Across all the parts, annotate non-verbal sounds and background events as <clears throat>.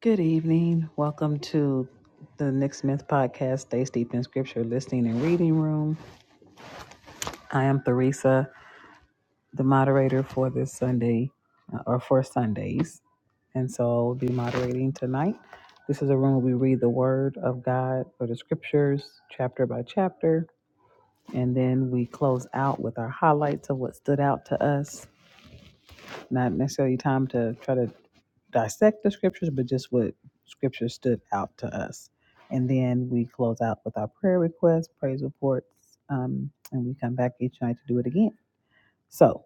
Good evening. Welcome to the Nick Smith Podcast, Stays Deep in Scripture Listening and Reading Room. I am Theresa, the moderator for this Sunday, uh, or for Sundays. And so I'll be moderating tonight. This is a room where we read the Word of God or the Scriptures, chapter by chapter. And then we close out with our highlights of what stood out to us. Not necessarily time to try to dissect the scriptures, but just what scripture stood out to us. And then we close out with our prayer requests, praise reports, um, and we come back each night to do it again. So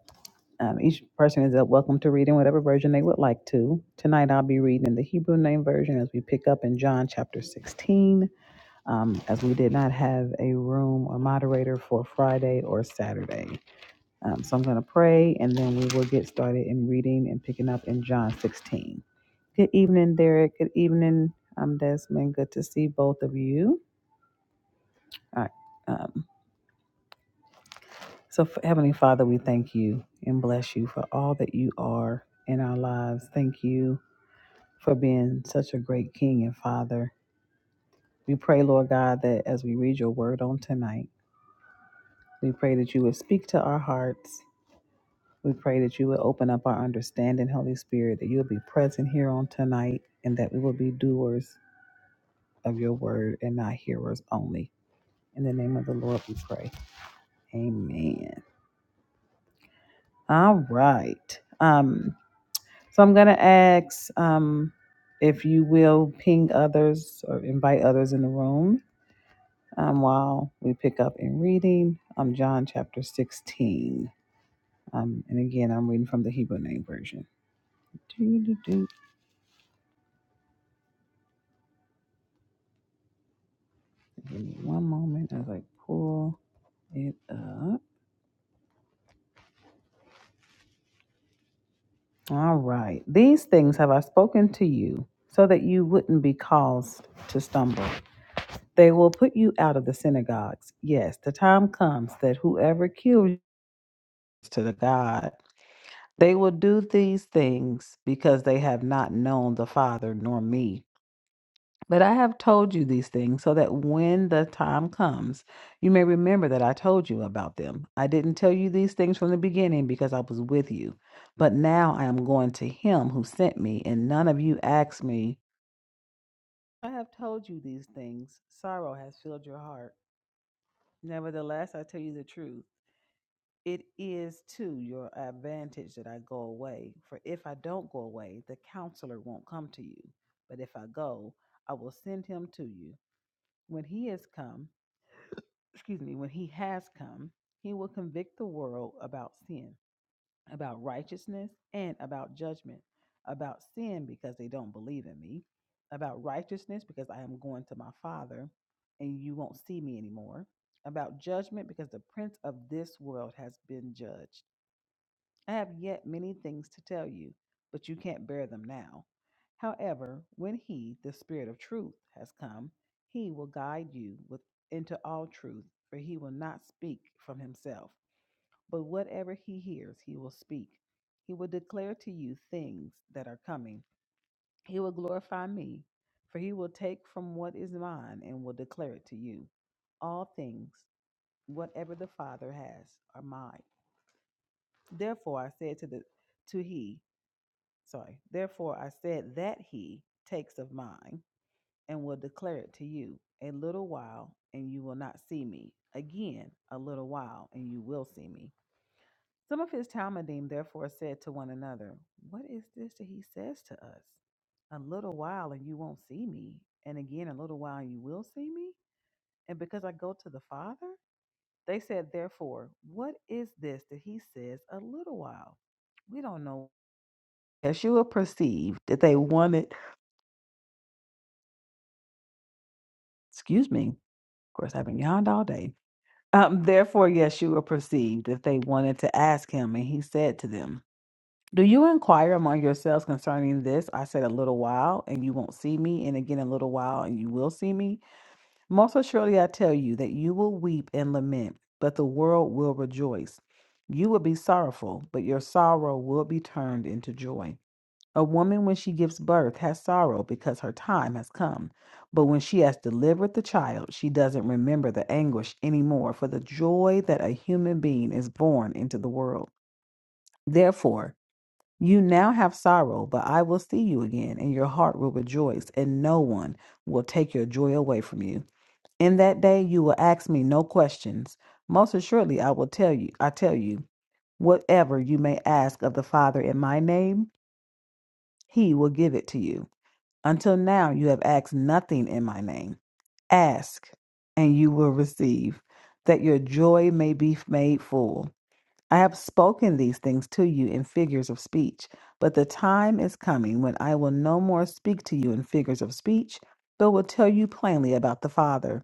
um, each person is uh, welcome to read in whatever version they would like to. Tonight I'll be reading in the Hebrew Name Version as we pick up in John chapter 16, um, as we did not have a room or moderator for Friday or Saturday. Um, so I'm going to pray and then we will get started in reading and picking up in John 16. Good evening, Derek. Good evening, um, Desmond. Good to see both of you. All right. Um, so, F- Heavenly Father, we thank you and bless you for all that you are in our lives. Thank you for being such a great King and Father. We pray, Lord God, that as we read your word on tonight, we pray that you would speak to our hearts We pray that you will open up our understanding, Holy Spirit, that you'll be present here on tonight and that we will be doers of your word and not hearers only. In the name of the Lord we pray. Amen. All right. Um, so I'm gonna ask um if you will ping others or invite others in the room um, while we pick up in reading um, John chapter 16. Um, and again, I'm reading from the Hebrew name version. Give me one moment as I pull it up. All right. These things have I spoken to you so that you wouldn't be caused to stumble. They will put you out of the synagogues. Yes, the time comes that whoever kills you is to the God, they will do these things because they have not known the Father nor me. But I have told you these things so that when the time comes, you may remember that I told you about them. I didn't tell you these things from the beginning because I was with you. But now I am going to him who sent me, and none of you ask me, I have told you these things. Sorrow has filled your heart. Nevertheless, I tell you the truth. It is to your advantage that I go away. For if I don't go away, the counselor won't come to you. But if I go, I will send him to you. When he has come, excuse me, when he has come, he will convict the world about sin, about righteousness, and about judgment. About sin, because they don't believe in me. About righteousness, because I am going to my Father and you won't see me anymore. About judgment, because the prince of this world has been judged. I have yet many things to tell you, but you can't bear them now. However, when he, the Spirit of truth, has come, he will guide you with, into all truth, for he will not speak from himself, but whatever he hears, he will speak. He will declare to you things that are coming. He will glorify me, for he will take from what is mine and will declare it to you. All things, whatever the Father has, are mine. Therefore, I said to the to he sorry, therefore I said that he takes of mine and will declare it to you a little while and you will not see me. Again, a little while and you will see me. Some of his Talmudim therefore said to one another, What is this that he says to us? A little while and you won't see me, and again a little while you will see me? And because I go to the Father? They said, Therefore, what is this that he says a little while? We don't know Yeshua perceived that they wanted Excuse me. Of course, I've been yawned all day. Um, therefore, Yeshua perceived if they wanted to ask him, and he said to them, Do you inquire among yourselves concerning this? I said, A little while, and you won't see me, and again a little while, and you will see me. Most assuredly, I tell you that you will weep and lament, but the world will rejoice. You will be sorrowful, but your sorrow will be turned into joy. A woman, when she gives birth, has sorrow because her time has come. But when she has delivered the child, she doesn't remember the anguish anymore for the joy that a human being is born into the world. Therefore, you now have sorrow, but I will see you again, and your heart will rejoice, and no one will take your joy away from you. In that day, you will ask me no questions. Most assuredly, I will tell you, I tell you, whatever you may ask of the Father in my name, he will give it to you. Until now, you have asked nothing in my name. Ask, and you will receive, that your joy may be made full. I have spoken these things to you in figures of speech, but the time is coming when I will no more speak to you in figures of speech, but will tell you plainly about the Father.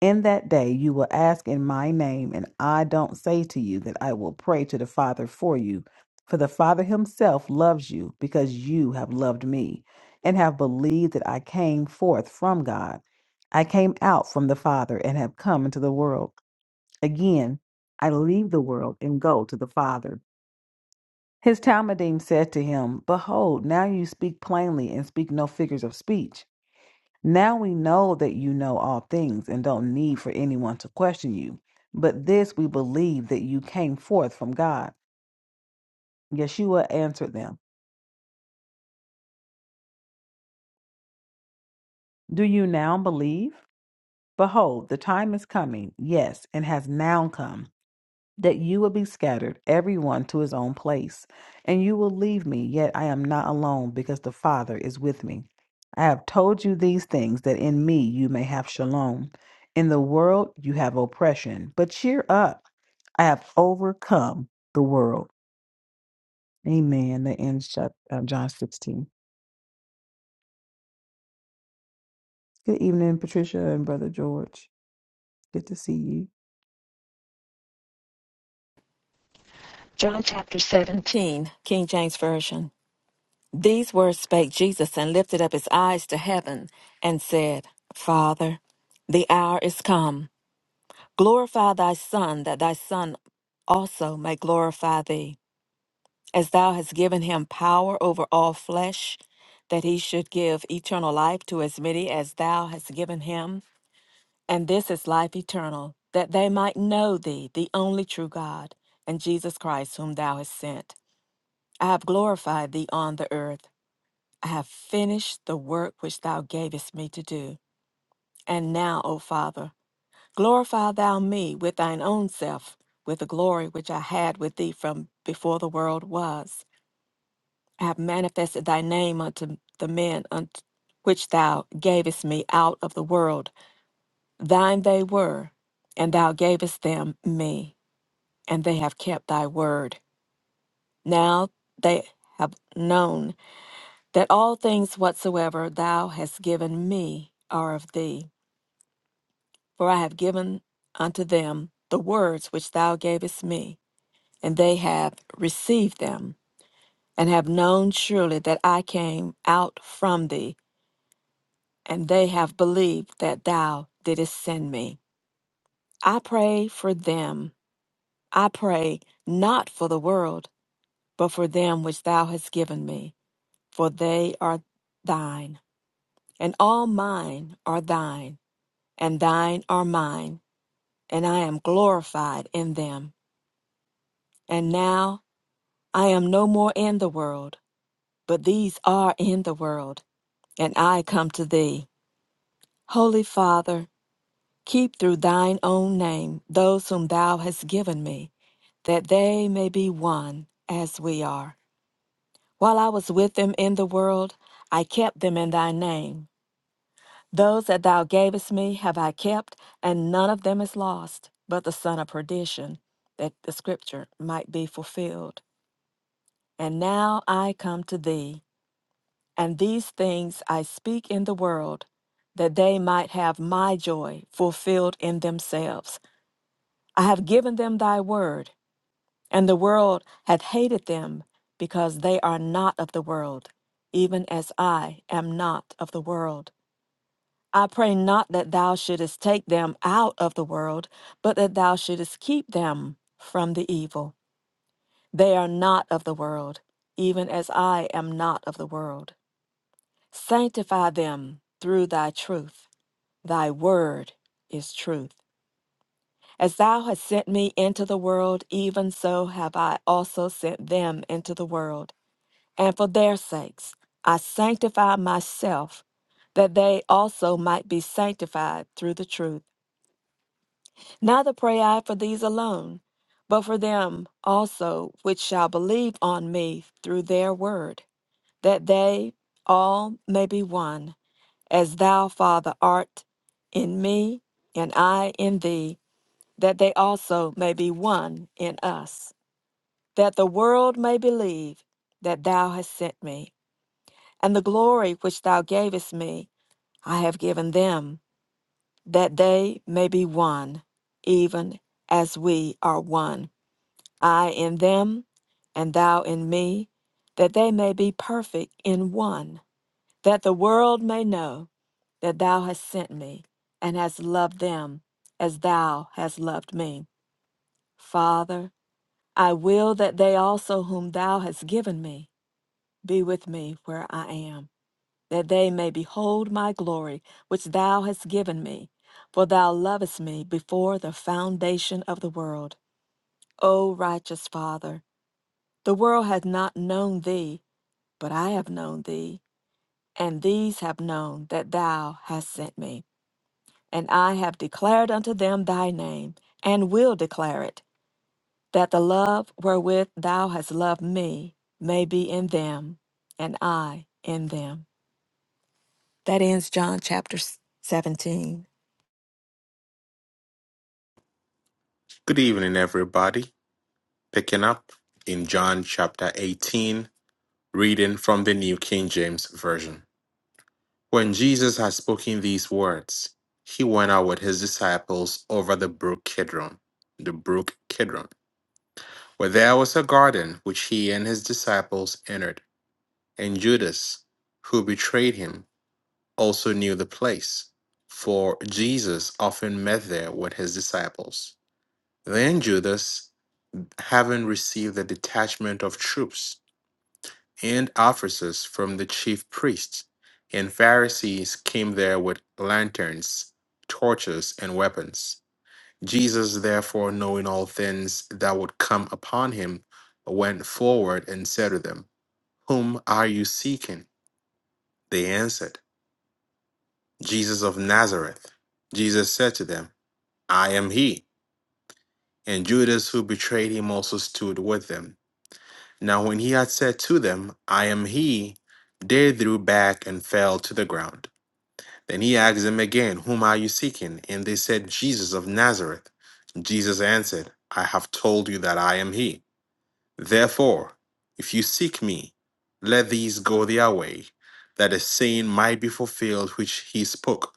In that day you will ask in my name, and I don't say to you that I will pray to the Father for you, for the Father himself loves you because you have loved me and have believed that I came forth from God. I came out from the Father and have come into the world. Again, I leave the world and go to the Father. His Talmudim said to him, Behold, now you speak plainly and speak no figures of speech. Now we know that you know all things and don't need for anyone to question you. But this we believe that you came forth from God. Yeshua answered them, Do you now believe? Behold, the time is coming, yes, and has now come that you will be scattered, everyone to his own place, and you will leave me, yet I am not alone, because the Father is with me. I have told you these things that in me you may have shalom. In the world you have oppression, but cheer up. I have overcome the world. Amen. That ends chap- um, John 16. Good evening, Patricia and Brother George. Good to see you. John chapter 17, King James Version. These words spake Jesus and lifted up his eyes to heaven and said, Father, the hour is come. Glorify thy Son, that thy Son also may glorify thee, as thou hast given him power over all flesh, that he should give eternal life to as many as thou hast given him. And this is life eternal, that they might know thee, the only true God, and Jesus Christ, whom thou hast sent. I have glorified thee on the earth. I have finished the work which thou gavest me to do. And now, O Father, glorify thou me with thine own self, with the glory which I had with thee from before the world was. I have manifested thy name unto the men unto which thou gavest me out of the world. Thine they were, and thou gavest them me, and they have kept thy word. Now they have known that all things whatsoever thou hast given me are of thee. For I have given unto them the words which thou gavest me, and they have received them, and have known surely that I came out from thee, and they have believed that thou didst send me. I pray for them. I pray not for the world, but for them which thou hast given me, for they are thine, and all mine are thine and thine are mine, and I am glorified in them. And now I am no more in the world, but these are in the world, and I come to thee. Holy Father, keep through thine own name those whom thou hast given me, that they may be one as we are. While I was with them in the world, I kept them in thy name. Those that thou gavest me have I kept, and none of them is lost, but the son of perdition, that the scripture might be fulfilled. And now I come to thee, and these things I speak in the world, that they might have my joy fulfilled in themselves. I have given them thy word, and the world hath hated them, because they are not of the world, even as I am not of the world. I pray not that thou shouldest take them out of the world, but that thou shouldest keep them from the evil. They are not of the world, even as I am not of the world. Sanctify them through thy truth. Thy word is truth. As thou hast sent me into the world, even so have I also sent them into the world. And for their sakes I sanctify myself, that they also might be sanctified through the truth. Neither pray I for these alone, but for them also which shall believe on me through their word, that they all may be one, as thou, Father, art in me, and I in thee, that they also may be one in us, that the world may believe that thou hast sent me. And the glory which thou gavest me, I have given them, that they may be one, even as we are one I in them, and thou in me, that they may be perfect in one, that the world may know that thou hast sent me, and hast loved them as thou hast loved me. Father, I will that they also whom thou hast given me be with me where I am, that they may behold my glory which thou hast given me, for thou lovest me before the foundation of the world. O righteous Father, The world hath not known thee, but I have known thee, and these have known that thou hast sent me. And I have declared unto them thy name, and will declare it, that the love wherewith thou hast loved me may be in them, and I in them. That ends John chapter 17. Good evening, everybody. Picking up in John chapter 18, reading from the New King James Version. When Jesus had spoken these words, he went out with his disciples over the brook Kidron, the brook Kidron, where there was a garden which he and his disciples entered. And Judas, who betrayed him, also knew the place, for Jesus often met there with his disciples. Then Judas, having received a detachment of troops and officers from the chief priests and Pharisees came there with lanterns, torches, and weapons. Jesus, therefore, knowing all things that would come upon him, went forward and said to them, Whom are you seeking? They answered, Jesus of Nazareth. Jesus said to them, I am he. And Judas, who betrayed him, also stood with them. Now when he had said to them, I am he, they drew back and fell to the ground. Then he asked them again, Whom are you seeking? And they said, Jesus of Nazareth. Jesus answered, I have told you that I am he. Therefore, if you seek me, let these go their way, that a saying might be fulfilled which he spoke,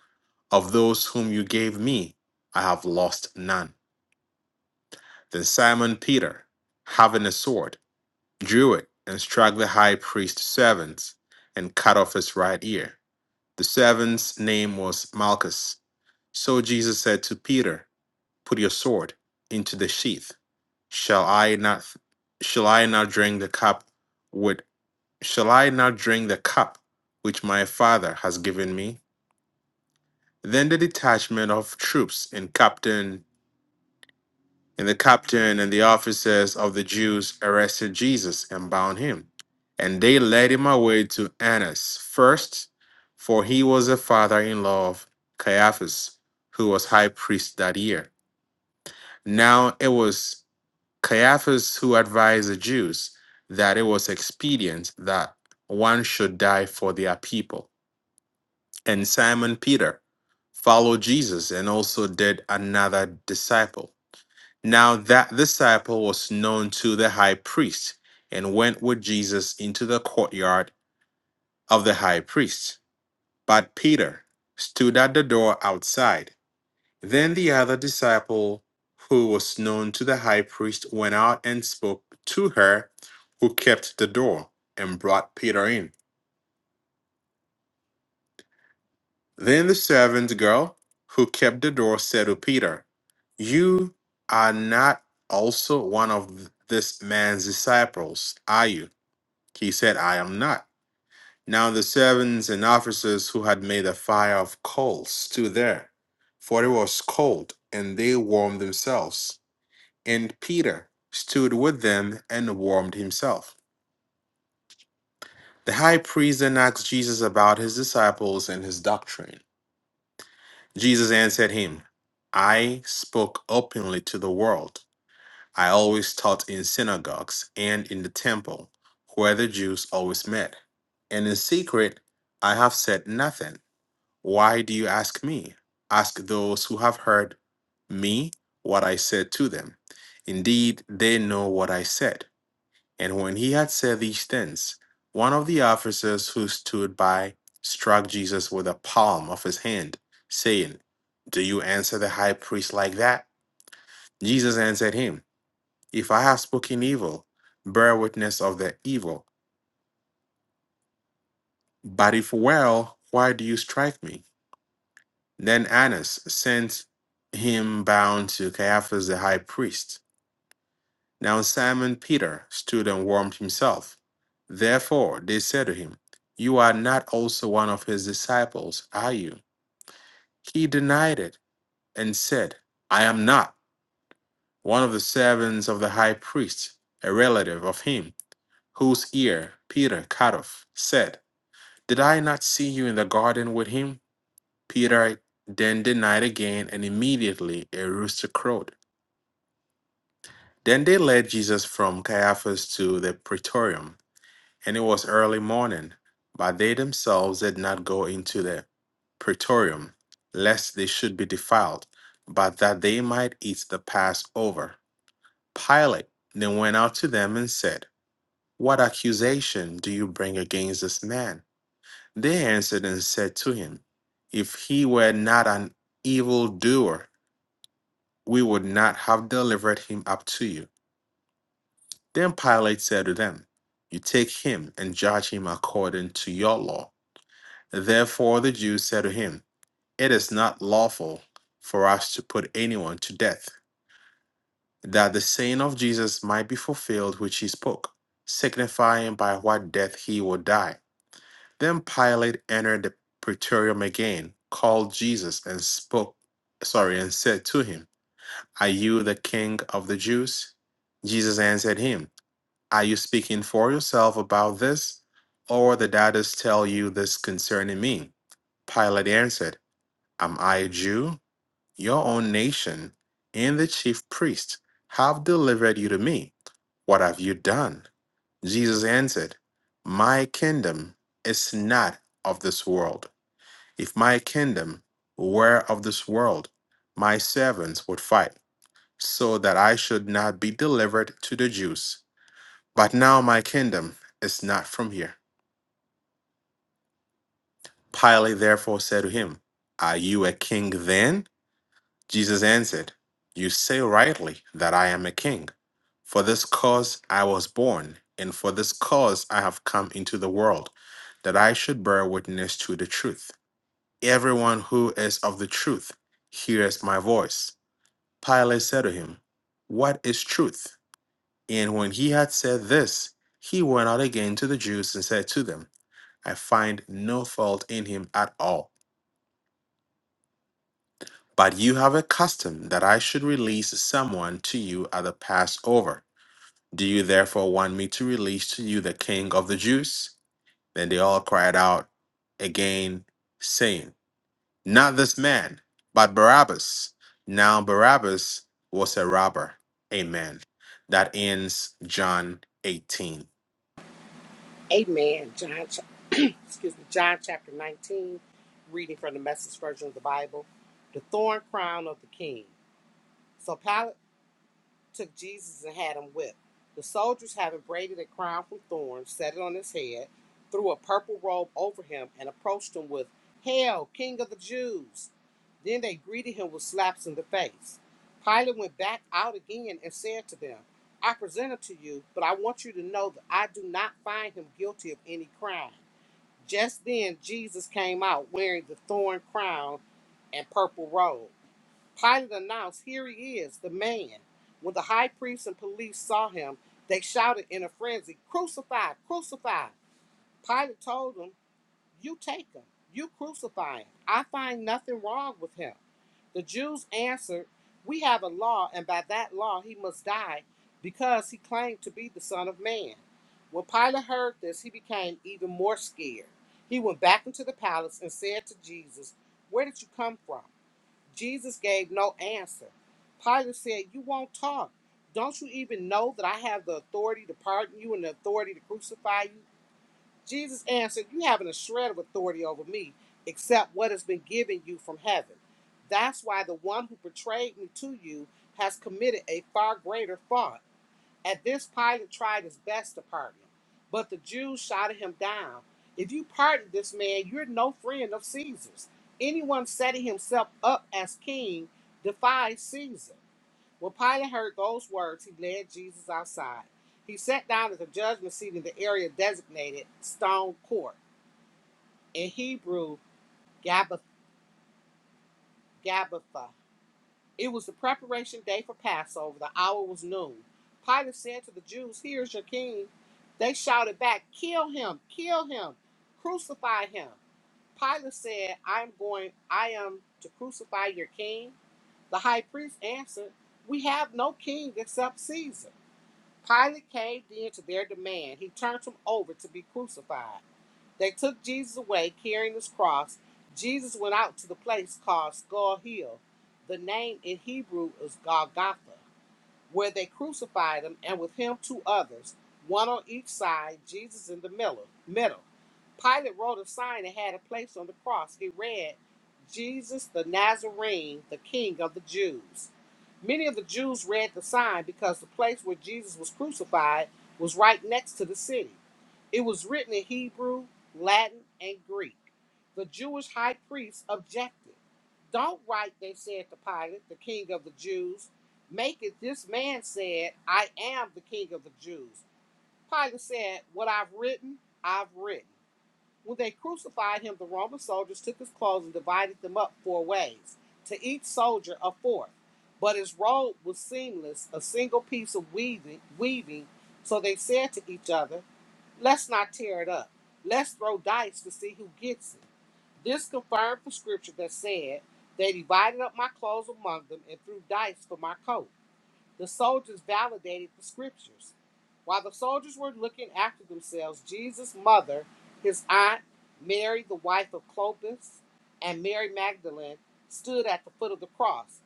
Of those whom you gave me, I have lost none. Then Simon Peter, having a sword, drew it, and struck the high priest's servant, and cut off his right ear. The servant's name was Malchus. So Jesus said to Peter, Put your sword into the sheath. Shall I not shall I not drink the cup with shall I not drink the cup which my father has given me? Then the detachment of troops and captain And the captain and the officers of the Jews arrested Jesus and bound him. And they led him away to Annas first, for he was the father in law of Caiaphas, who was high priest that year. Now it was Caiaphas who advised the Jews that it was expedient that one should die for their people. And Simon Peter followed Jesus and also did another disciple. Now that disciple was known to the high priest and went with Jesus into the courtyard of the high priest. But Peter stood at the door outside. Then the other disciple, who was known to the high priest, went out and spoke to her, who kept the door, and brought Peter in. Then the servant girl, who kept the door, said to Peter, You are not also one of this man's disciples, are you? He said, I am not. Now the servants and officers who had made a fire of coals stood there, for it was cold, and they warmed themselves. And Peter stood with them and warmed himself. The high priest then asked Jesus about his disciples and his doctrine. Jesus answered him, I spoke openly to the world. I always taught in synagogues and in the temple, where the Jews always met. And in secret, I have said nothing. Why do you ask me? Ask those who have heard me what I said to them. Indeed, they know what I said. And when he had said these things, one of the officers who stood by struck Jesus with the palm of his hand, saying, Do you answer the high priest like that? Jesus answered him, If I have spoken evil, bear witness of the evil. But if well, why do you strike me? Then Annas sent him bound to Caiaphas the high priest. Now Simon Peter stood and warmed himself. Therefore they said to him, You are not also one of his disciples, are you? He denied it and said, I am not one of the servants of the high priest, a relative of him, whose ear Peter cut off, said, Did I not see you in the garden with him? Peter then denied again, and immediately a rooster crowed. Then they led Jesus from Caiaphas to the praetorium, and it was early morning. But they themselves did not go into the praetorium, lest they should be defiled, but that they might eat the Passover. Pilate then went out to them and said, What accusation do you bring against this man? They answered and said to him, If he were not an evildoer, we would not have delivered him up to you. Then Pilate said to them, You take him and judge him according to your law. Therefore the Jews said to him, It is not lawful for us to put anyone to death, that the saying of Jesus might be fulfilled which he spoke, signifying by what death he would die. Then Pilate entered the praetorium again, called Jesus, and spoke, sorry, and said to him, Are you the king of the Jews? Jesus answered him. Are you speaking for yourself about this, or the daughters tell you this concerning me? Pilate answered, Am I a Jew? Your own nation and the chief priests have delivered you to me. What have you done? Jesus answered, My kingdom is not of this world. If my kingdom were of this world, my servants would fight, so that I should not be delivered to the Jews. But now my kingdom is not from here. Pilate therefore said to him, Are you a king then? Jesus answered, You say rightly that I am a king. For this cause I was born, and for this cause I have come into the world, that I should bear witness to the truth. Everyone who is of the truth hears my voice. Pilate said to him, What is truth? And when he had said this, he went out again to the Jews and said to them, I find no fault in him at all. But you have a custom that I should release someone to you at the Passover. Do you therefore want me to release to you the king of the Jews? Then they all cried out again, saying, Not this man, but Barabbas. Now Barabbas was a robber. Amen. That ends John 18. Amen. John, <clears throat> excuse me, John chapter 19, reading from the message version of the Bible. The thorn crown of the king. So Pilate took Jesus and had him whipped. The soldiers, having braided a crown from thorns, set it on his head, threw a purple robe over him, and approached him with, Hail, King of the Jews! Then they greeted him with slaps in the face. Pilate went back out again and said to them, I present him to you, but I want you to know that I do not find him guilty of any crime. Just then Jesus came out wearing the thorn crown and purple robe. Pilate announced, Here he is, the man. When the high priests and police saw him, they shouted in a frenzy, Crucify, crucify. Pilate told them, You take him, you crucify him. I find nothing wrong with him. The Jews answered, We have a law, and by that law he must die, because he claimed to be the Son of Man. When Pilate heard this, he became even more scared. He went back into the palace and said to Jesus, Where did you come from? Jesus gave no answer. Pilate said, You won't talk. Don't you even know that I have the authority to pardon you and the authority to crucify you? Jesus answered, You haven't a shred of authority over me, except what has been given you from heaven. That's why the one who betrayed me to you has committed a far greater fault. At this, Pilate tried his best to pardon him, but the Jews shouted him down. If you pardon this man, you're no friend of Caesar's. Anyone setting himself up as king defies Caesar. When Pilate heard those words, he led Jesus outside. He sat down at the judgment seat in the area designated Stone Court, in Hebrew, Gabbatha. It was the preparation day for Passover. The hour was noon. Pilate said to the Jews, Here's your king. They shouted back, Kill him! Kill him! Crucify him! Pilate said, I am going, I am to crucify your king. The high priest answered, We have no king except Caesar. Pilate caved in to their demand. He turned him over to be crucified. They took Jesus away, carrying his cross. Jesus went out to the place called Skull Hill. The name in Hebrew is Golgotha where they crucified him, and with him two others, one on each side, Jesus in the middle. middle. Pilate wrote a sign and had it placed on the cross. He read, Jesus the Nazarene, the King of the Jews. Many of the Jews read the sign because the place where Jesus was crucified was right next to the city. It was written in Hebrew, Latin, and Greek. The Jewish high priests objected. Don't write, they said to Pilate, the king of the Jews. Make it, this man said, I am the king of the Jews. Pilate said, What I've written, I've written. When they crucified him, the Roman soldiers took his clothes and divided them up four ways, to each soldier a fourth. But his robe was seamless, a single piece of weaving, weaving. So they said to each other, Let's not tear it up. Let's throw dice to see who gets it. This confirmed the scripture that said, They divided up my clothes among them and threw dice for my coat. The soldiers validated the scriptures. While the soldiers were looking after themselves, Jesus' mother, his aunt, Mary, the wife of Clopas, and Mary Magdalene stood at the foot of the cross.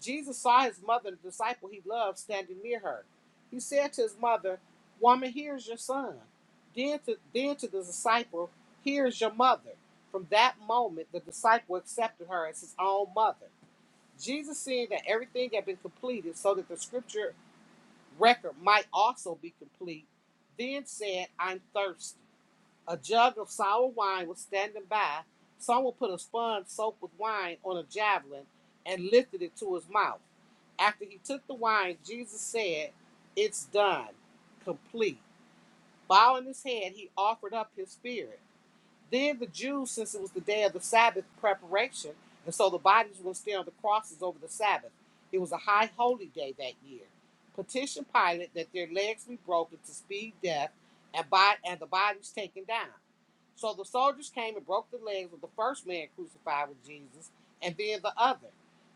Jesus saw his mother and the disciple he loved standing near her. He said to his mother, Woman, here's your son. Then to, then to the disciple, Here's your mother. From that moment, the disciple accepted her as his own mother. Jesus seeing that everything had been completed so that the scripture record might also be complete, then said, I'm thirsty. A jug of sour wine was standing by. Someone put a sponge soaked with wine on a javelin and lifted it to his mouth. After he took the wine, Jesus said, It's done, complete. Bowing his head, he offered up his spirit. Then the Jews, since it was the day of the Sabbath preparation, and so the bodies were still on the crosses over the Sabbath. It was a high holy day that year. Petition Pilate that their legs be broken to speed death, and by and the bodies taken down. So the soldiers came and broke the legs of the first man crucified with Jesus, and then the other.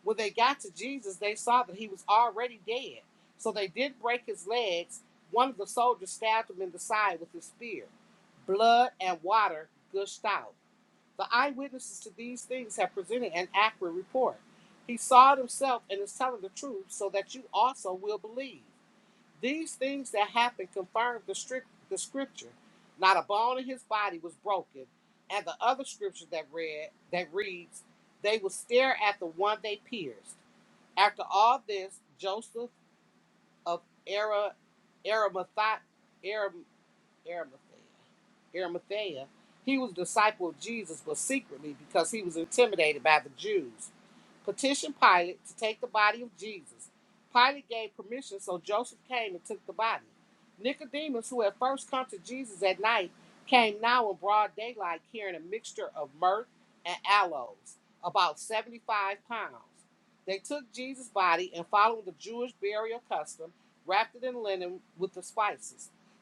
When they got to Jesus, they saw that he was already dead. So they did break his legs. One of the soldiers stabbed him in the side with his spear blood, and water gushed out. The eyewitnesses to these things have presented an accurate report. He saw it himself and is telling the truth so that you also will believe. These things that happened confirmed the, strict, the scripture. Not a bone in his body was broken. And the other scripture that read that reads, they will stare at the one they pierced. After all this, Joseph of Ara, Aramathia, Aram, Arimathea Arimathea, he was a disciple of Jesus, but secretly because he was intimidated by the Jews, petitioned Pilate to take the body of Jesus. Pilate gave permission, so Joseph came and took the body. Nicodemus, who had first come to Jesus at night, came now in broad daylight carrying a mixture of myrrh and aloes, about 75 pounds. They took Jesus' body and, following the Jewish burial custom, wrapped it in linen with the spices.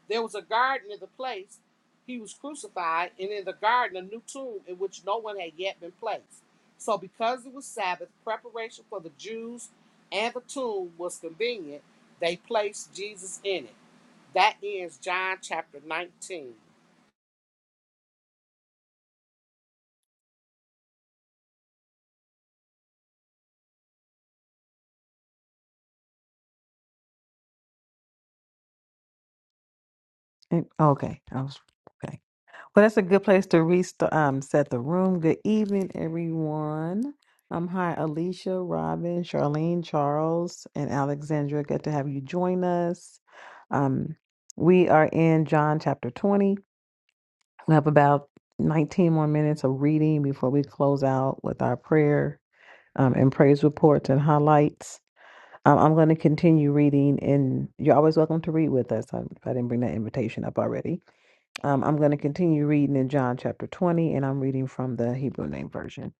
There was a garden in the place he was crucified, and in the garden a new tomb in which no one had yet been placed. So, because it was Sabbath, preparation for the Jews and the tomb was convenient, they placed Jesus in it. That ends John chapter 19. And, oh, okay, I was okay. Well, that's a good place to restart, um, set the room. Good evening, everyone. Um, hi, Alicia, Robin, Charlene, Charles, and Alexandra. Good to have you join us. Um, we are in John chapter 20. We have about 19 more minutes of reading before we close out with our prayer um, and praise reports and highlights. Um, I'm going to continue reading, and you're always welcome to read with us. I, I didn't bring that invitation up already. Um, I'm going to continue reading in John chapter 20, and I'm reading from the Hebrew name version.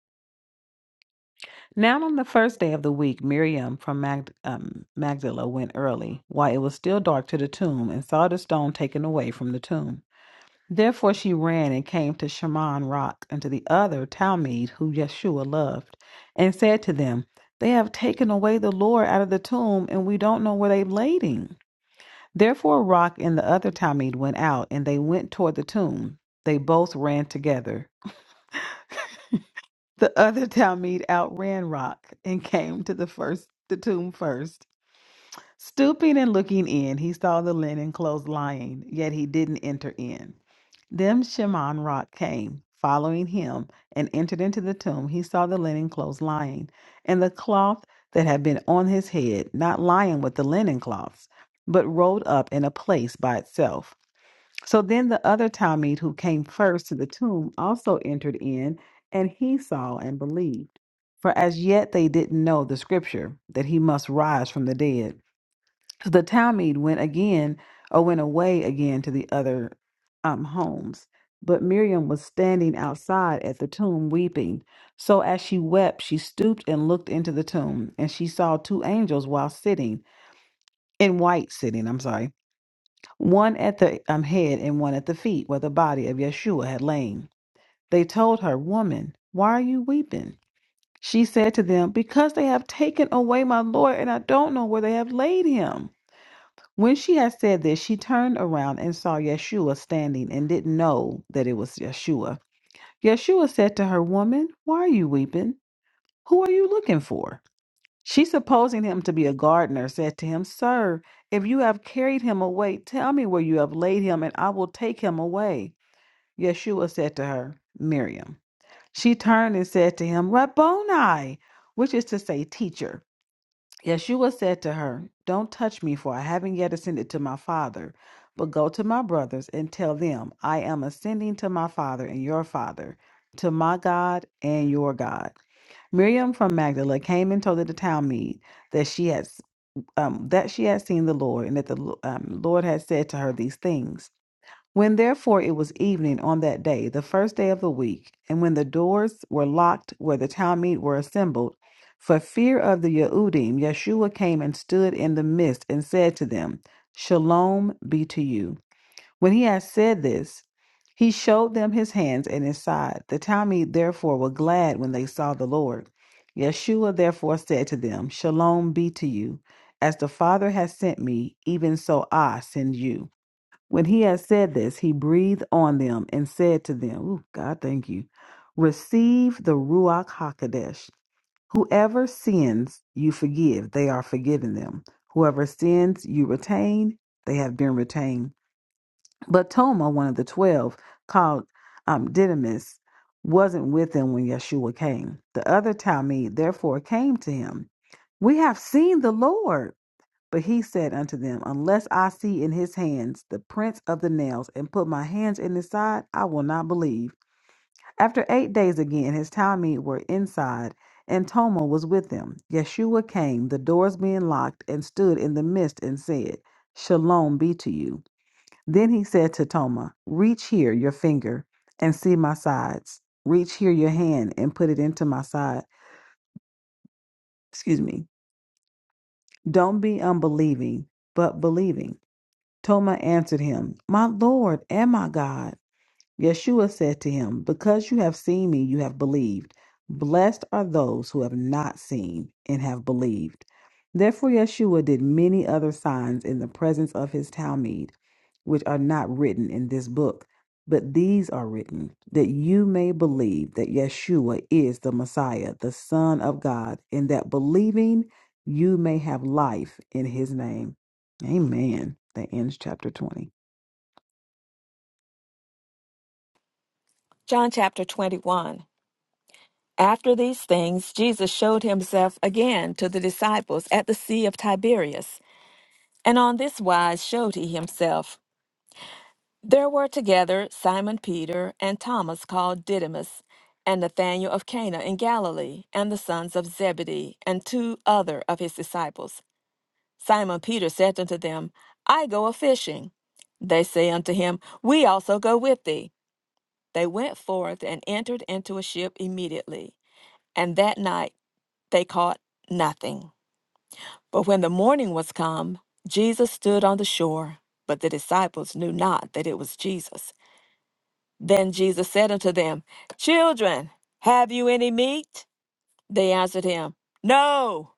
Now, on the first day of the week, Miriam from Mag- um, Magdala went early, while it was still dark, to the tomb and saw the stone taken away from the tomb. Therefore, she ran and came to Shimon Rock and to the other Talmud who Yeshua loved, and said to them, They have taken away the Lord out of the tomb, and we don't know where they laid him. Therefore, Rock and the other Talmud went out, and they went toward the tomb. They both ran together. The <laughs> other Talmud outran Rock and came to the first the tomb first. Stooping and looking in, he saw the linen clothes lying, yet he didn't enter in. Then Shimon Rock came, following him, and entered into the tomb. He saw the linen clothes lying, and the cloth that had been on his head, not lying with the linen cloths, but rolled up in a place by itself. So then the other Talmud who came first to the tomb also entered in, and he saw and believed. For as yet they didn't know the scripture that he must rise from the dead. So the Talmud went again, or went away again to the other um, homes. But Miriam was standing outside at the tomb weeping. So as she wept, she stooped and looked into the tomb, and she saw two angels while sitting, in white sitting, I'm sorry one at the um, head and one at the feet where the body of Yeshua had lain. They told her, Woman, why are you weeping? She said to them, Because they have taken away my Lord, and I don't know where they have laid him. When she had said this, she turned around and saw Yeshua standing and didn't know that it was Yeshua. Yeshua said to her, Woman, why are you weeping? Who are you looking for? She, supposing him to be a gardener, said to him, Sir, if you have carried him away, tell me where you have laid him, and I will take him away. Yeshua said to her, Miriam. She turned and said to him, Rabboni, which is to say, teacher. Yeshua said to her, Don't touch me, for I haven't yet ascended to my Father. But go to my brothers and tell them, I am ascending to my Father and your Father, to my God and your God. Miriam from Magdala came and told the Talmud that she had s- um, that she had seen the Lord, and that the Lo- um, Lord had said to her these things. When therefore it was evening on that day, the first day of the week, and when the doors were locked where the Talmud were assembled, for fear of the Yehudim, Yeshua came and stood in the midst and said to them, "Shalom be to you." When he had said this, he showed them his hands and his side. The Talmud therefore were glad when they saw the Lord. Yeshua therefore said to them, Shalom be to you. As the Father has sent me, even so I send you. When he had said this, he breathed on them and said to them, Ooh, God, thank you. Receive the Ruach HaKodesh. Whoever sins you forgive, they are forgiven them. Whoever sins you retain, they have been retained. But Toma, one of the twelve, called um, Didymus, wasn't with them when Yeshua came. The other Talmud therefore came to him. We have seen the Lord. But he said unto them, Unless I see in his hands the prints of the nails, and put my hands in his side, I will not believe. After eight days again, his Talmud were inside, and Toma was with them. Yeshua came, the doors being locked, and stood in the midst and said, Shalom be to you. Then he said to Toma, Reach here your finger and see my sides. Reach here your hand and put it into my side. Excuse me. Don't be unbelieving, but believing. Toma answered him, My Lord and my God. Yeshua said to him, Because you have seen me, you have believed. Blessed are those who have not seen and have believed. Therefore, Yeshua did many other signs in the presence of his Talmud, which are not written in this book, but these are written that you may believe that Yeshua is the Messiah, the Son of God, and that believing you may have life in his name. Amen. That ends chapter 20. John chapter 21. After these things, Jesus showed himself again to the disciples at the Sea of Tiberias, and on this wise showed he himself. There were together Simon Peter and Thomas called Didymus, and Nathanael of Cana in Galilee, and the sons of Zebedee, and two other of his disciples. Simon Peter said unto them, I go a fishing. They say unto him, We also go with thee. They went forth and entered into a ship immediately, and that night they caught nothing. But when the morning was come, Jesus stood on the shore, but the disciples knew not that it was Jesus. Then Jesus said unto them, Children, have you any meat? They answered him, No.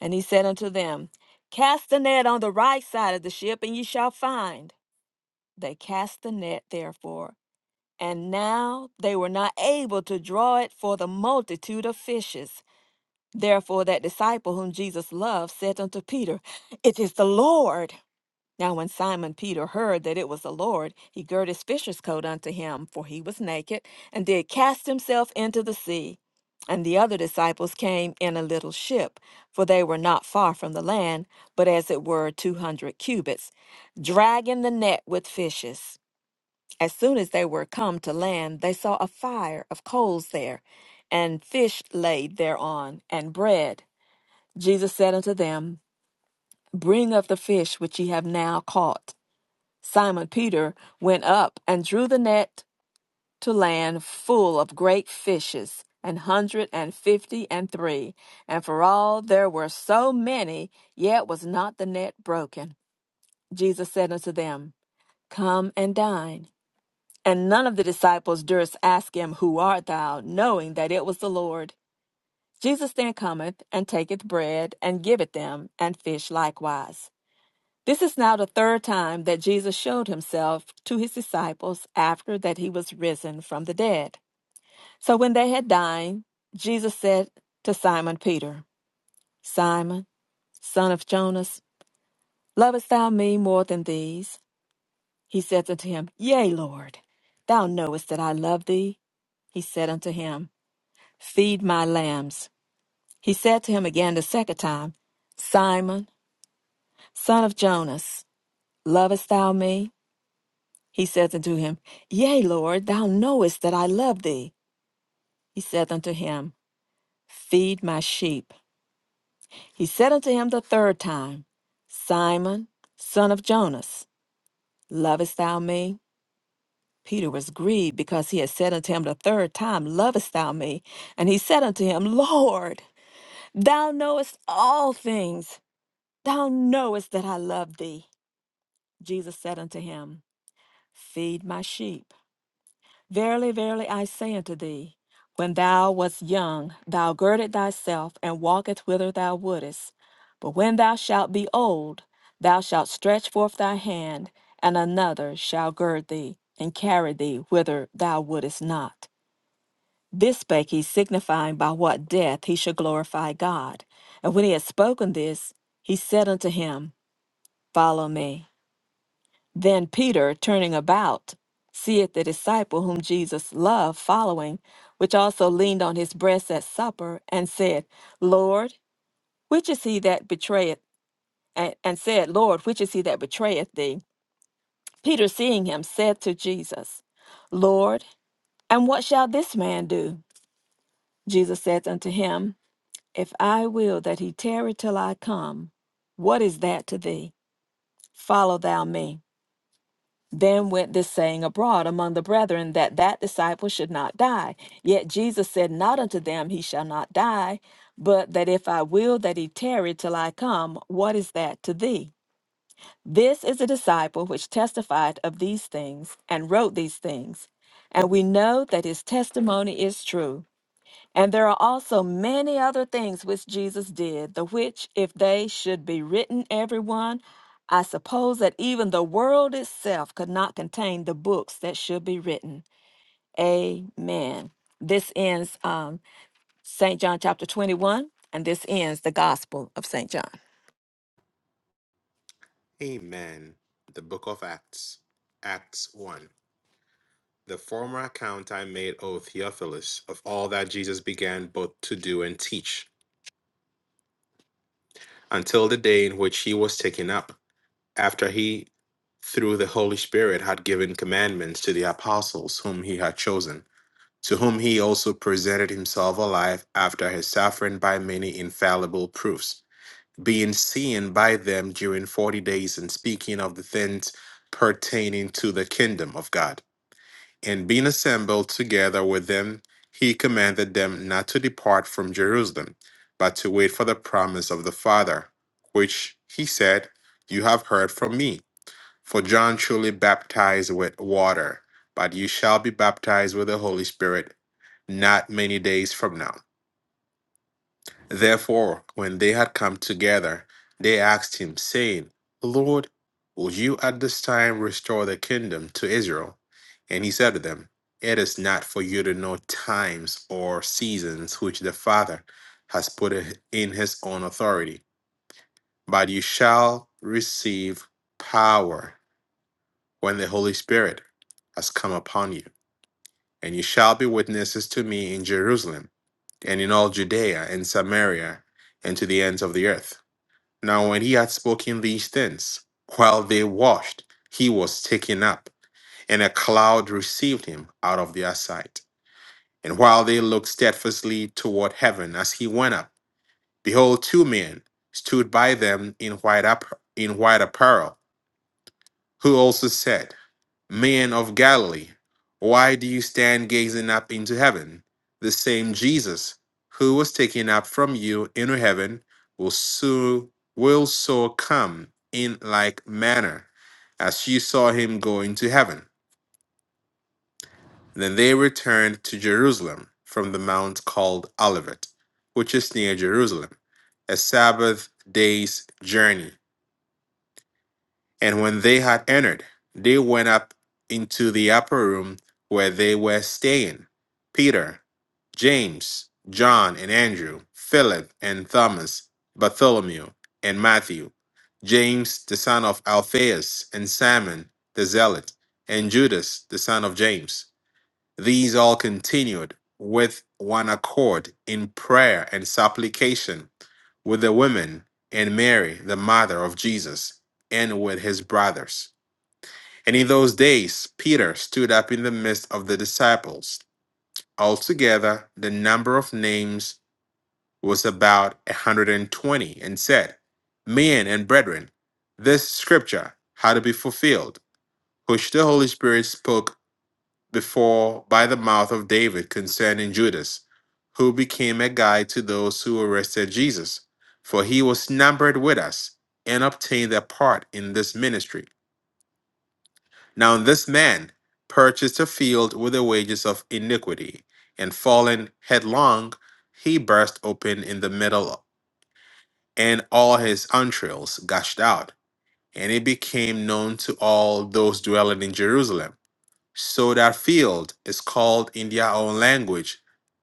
And he said unto them, Cast the net on the right side of the ship, and ye shall find. They cast the net, therefore. And now they were not able to draw it for the multitude of fishes. Therefore, that disciple whom Jesus loved said unto Peter, It is the Lord. Now, when Simon Peter heard that it was the Lord, he girt his fisher's coat unto him, for he was naked, and did cast himself into the sea. And the other disciples came in a little ship, for they were not far from the land, but as it were two hundred cubits, dragging the net with fishes. As soon as they were come to land, they saw a fire of coals there, and fish laid thereon, and bread. Jesus said unto them, Bring of the fish which ye have now caught. Simon Peter went up and drew the net to land full of great fishes, an hundred and fifty and three. And for all there were so many, yet was not the net broken. Jesus said unto them, Come and dine. And none of the disciples durst ask him, Who art thou? knowing that it was the Lord. Jesus then cometh and taketh bread and giveth them, and fish likewise. This is now the third time that Jesus showed himself to his disciples after that he was risen from the dead. So when they had dined, Jesus said to Simon Peter, Simon, son of Jonas, lovest thou me more than these? He said unto him, Yea, Lord, thou knowest that I love thee. He said unto him, Feed my lambs. He said to him again the second time, Simon, son of Jonas, lovest thou me? He saith unto him, Yea, Lord, thou knowest that I love thee. He saith unto him, Feed my sheep. He said unto him the third time, Simon, son of Jonas, lovest thou me? Peter was grieved because he had said unto him the third time, Lovest thou me? And he said unto him, Lord, thou knowest all things. Thou knowest that I love thee. Jesus said unto him, Feed my sheep. Verily, verily, I say unto thee, when thou wast young, thou girded thyself and walkest whither thou wouldest. But when thou shalt be old, thou shalt stretch forth thy hand, and another shall gird thee and carry thee whither thou wouldest not. This spake he, signifying by what death he should glorify God. And when he had spoken this, he said unto him, Follow me. Then Peter, turning about, seeth the disciple whom Jesus loved following, which also leaned on his breast at supper, and said, Lord, which is he that betrayeth? And, and said, Lord, which is he that betrayeth thee? Peter, seeing him, said to Jesus, Lord, and what shall this man do? Jesus saith unto him, If I will that he tarry till I come, what is that to thee? Follow thou me. Then went this saying abroad among the brethren that that disciple should not die. Yet Jesus said not unto them, He shall not die, but that if I will that he tarry till I come, what is that to thee? This is a disciple which testified of these things and wrote these things. And we know that his testimony is true. And there are also many other things which Jesus did, the which, if they should be written, everyone, I suppose that even the world itself could not contain the books that should be written. Amen. This ends um, St. John chapter 21, and this ends the Gospel of St. John. Amen. The book of Acts, Acts 1. The former account I made, O Theophilus, of all that Jesus began both to do and teach, until the day in which he was taken up, after he, through the Holy Spirit, had given commandments to the apostles whom he had chosen, to whom he also presented himself alive after his suffering by many infallible proofs, being seen by them during forty days and speaking of the things pertaining to the kingdom of God And being assembled together with them, he commanded them not to depart from Jerusalem, but to wait for the promise of the Father, which he said, You have heard from me. For John truly baptized with water, but you shall be baptized with the Holy Spirit not many days from now. Therefore, when they had come together, they asked him, saying, Lord, will you at this time restore the kingdom to Israel? And he said to them, It is not for you to know times or seasons which the Father has put in his own authority, but you shall receive power when the Holy Spirit has come upon you, and you shall be witnesses to me in Jerusalem and in all Judea and Samaria and to the ends of the earth. Now, when he had spoken these things, while they washed, he was taken up, and a cloud received him out of their sight. And while they looked steadfastly toward heaven as he went up, behold, two men stood by them in white, app- in white apparel, who also said, Men of Galilee, why do you stand gazing up into heaven? The same Jesus who was taken up from you into heaven will so will so come in like manner as you saw him go into heaven. Then they returned to Jerusalem from the mount called Olivet, which is near Jerusalem, a Sabbath day's journey. And when they had entered, they went up into the upper room where they were staying Peter, James, John, and Andrew, Philip, and Thomas, Bartholomew, and Matthew, James, the son of Alphaeus, and Simon, the zealot, and Judas, the son of James. These all continued with one accord in prayer and supplication with the women and Mary, the mother of Jesus, and with his brothers. And in those days, Peter stood up in the midst of the disciples. Altogether, the number of names was about a 120, and twenty, and said, Men and brethren, this scripture had to be fulfilled, which the Holy Spirit spoke before by the mouth of David concerning Judas, who became a guide to those who arrested Jesus. For he was numbered with us and obtained a part in this ministry. Now this man purchased a field with the wages of iniquity, and falling headlong, he burst open in the middle, and all his entrails gushed out, and it became known to all those dwelling in Jerusalem. So that field is called in their own language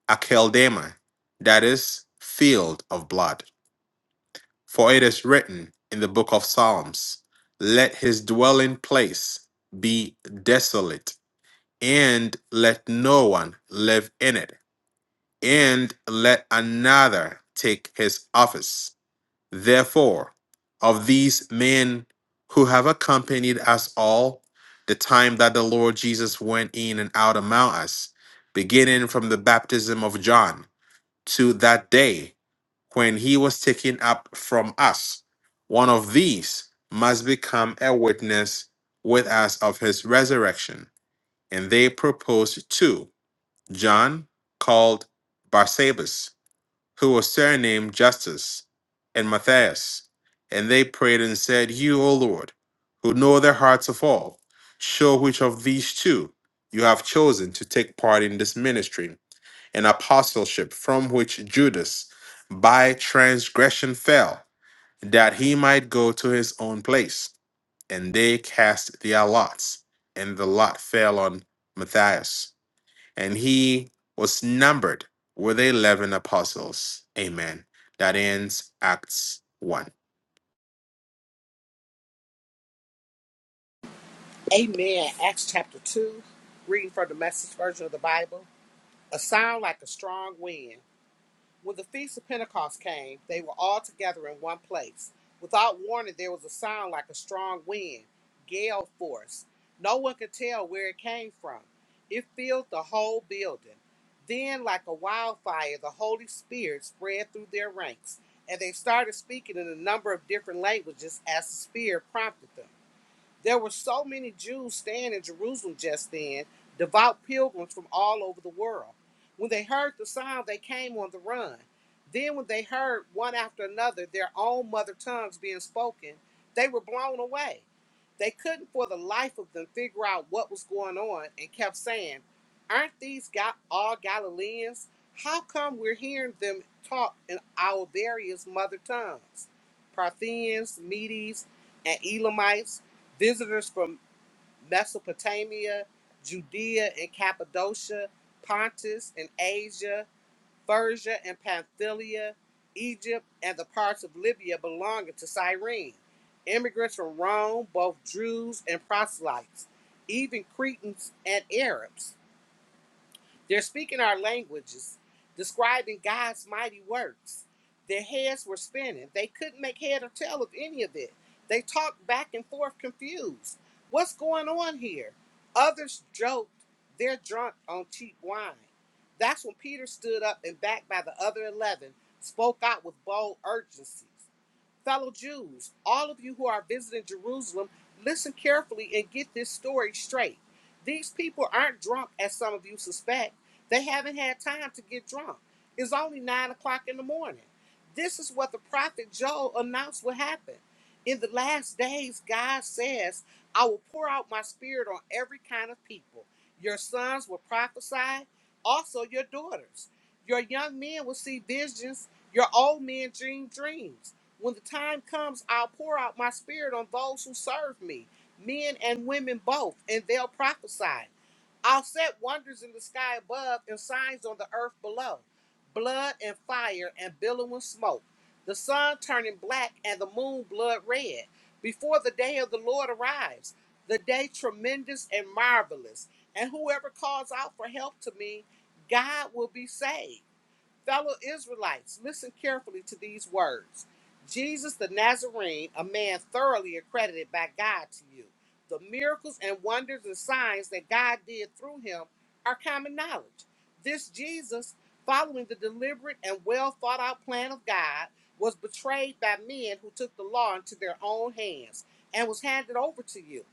Akeldama, that is, field of blood. For it is written in the book of Psalms, Let his dwelling place be desolate, and let no one live in it, and let another take his office. Therefore, of these men who have accompanied us all, the time that the Lord Jesus went in and out among us, beginning from the baptism of John to that day when he was taken up from us, one of these must become a witness with us of his resurrection. And they proposed two John, called Barsabas, who was surnamed Justus, and Matthias. And they prayed and said, You, O Lord, who know the hearts of all, show which of these two you have chosen to take part in this ministry and apostleship from which Judas by transgression fell, that he might go to his own place. And they cast their lots, and the lot fell on Matthias and he was numbered with the 11 apostles. Amen. That ends Acts 1. Amen. Acts chapter 2, reading from the message version of the Bible. A sound like a strong wind. When the Feast of Pentecost came, they were all together in one place. Without warning, there was a sound like a strong wind, gale force. No one could tell where it came from. It filled the whole building. Then, like a wildfire, the Holy Spirit spread through their ranks, and they started speaking in a number of different languages as the Spirit prompted them. There were so many Jews staying in Jerusalem just then, devout pilgrims from all over the world. When they heard the sound, they came on the run. Then, when they heard one after another their own mother tongues being spoken, they were blown away. They couldn't for the life of them figure out what was going on and kept saying, Aren't these Ga- all Galileans? How come we're hearing them talk in our various mother tongues? Parthians, Medes, and Elamites Visitors from Mesopotamia, Judea and Cappadocia, Pontus and Asia, Persia and Pamphylia, Egypt, and the parts of Libya belonging to Cyrene. Immigrants from Rome, both Jews and proselytes, even Cretans and Arabs. They're speaking our languages, describing God's mighty works. Their heads were spinning. They couldn't make head or tail of any of it. They talked back and forth, confused. What's going on here? Others joked, they're drunk on cheap wine. That's when Peter stood up and, backed by the other 11, spoke out with bold urgency fellow Jews, all of you who are visiting Jerusalem, listen carefully and get this story straight. These people aren't drunk, as some of you suspect. They haven't had time to get drunk. It's only nine o'clock in the morning. This is what the prophet Joel announced would happen. In the last days, God says, I will pour out my spirit on every kind of people. Your sons will prophesy, also your daughters. Your young men will see visions, your old men dream dreams. When the time comes, I'll pour out my spirit on those who serve me, men and women both, and they'll prophesy. I'll set wonders in the sky above and signs on the earth below blood and fire and billowing smoke, the sun turning black and the moon blood red, before the day of the Lord arrives, the day tremendous and marvelous. And whoever calls out for help to me, God will be saved. Fellow Israelites, listen carefully to these words Jesus the Nazarene, a man thoroughly accredited by God to you. The miracles and wonders and signs that God did through him are common knowledge. This Jesus, following the deliberate and well thought out plan of God, was betrayed by men who took the law into their own hands and was handed over to you.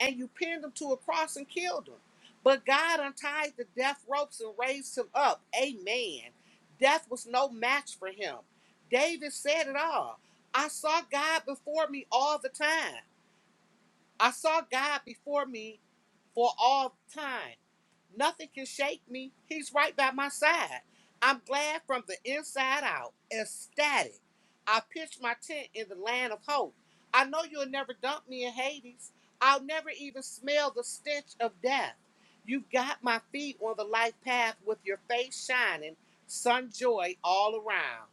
And you pinned him to a cross and killed him. But God untied the death ropes and raised him up. Amen. Death was no match for him. David said it all. I saw God before me all the time. I saw God before me for all time. Nothing can shake me. He's right by my side. I'm glad from the inside out, ecstatic. I pitched my tent in the land of hope. I know you'll never dump me in Hades. I'll never even smell the stench of death. You've got my feet on the life path with your face shining, sun joy all around.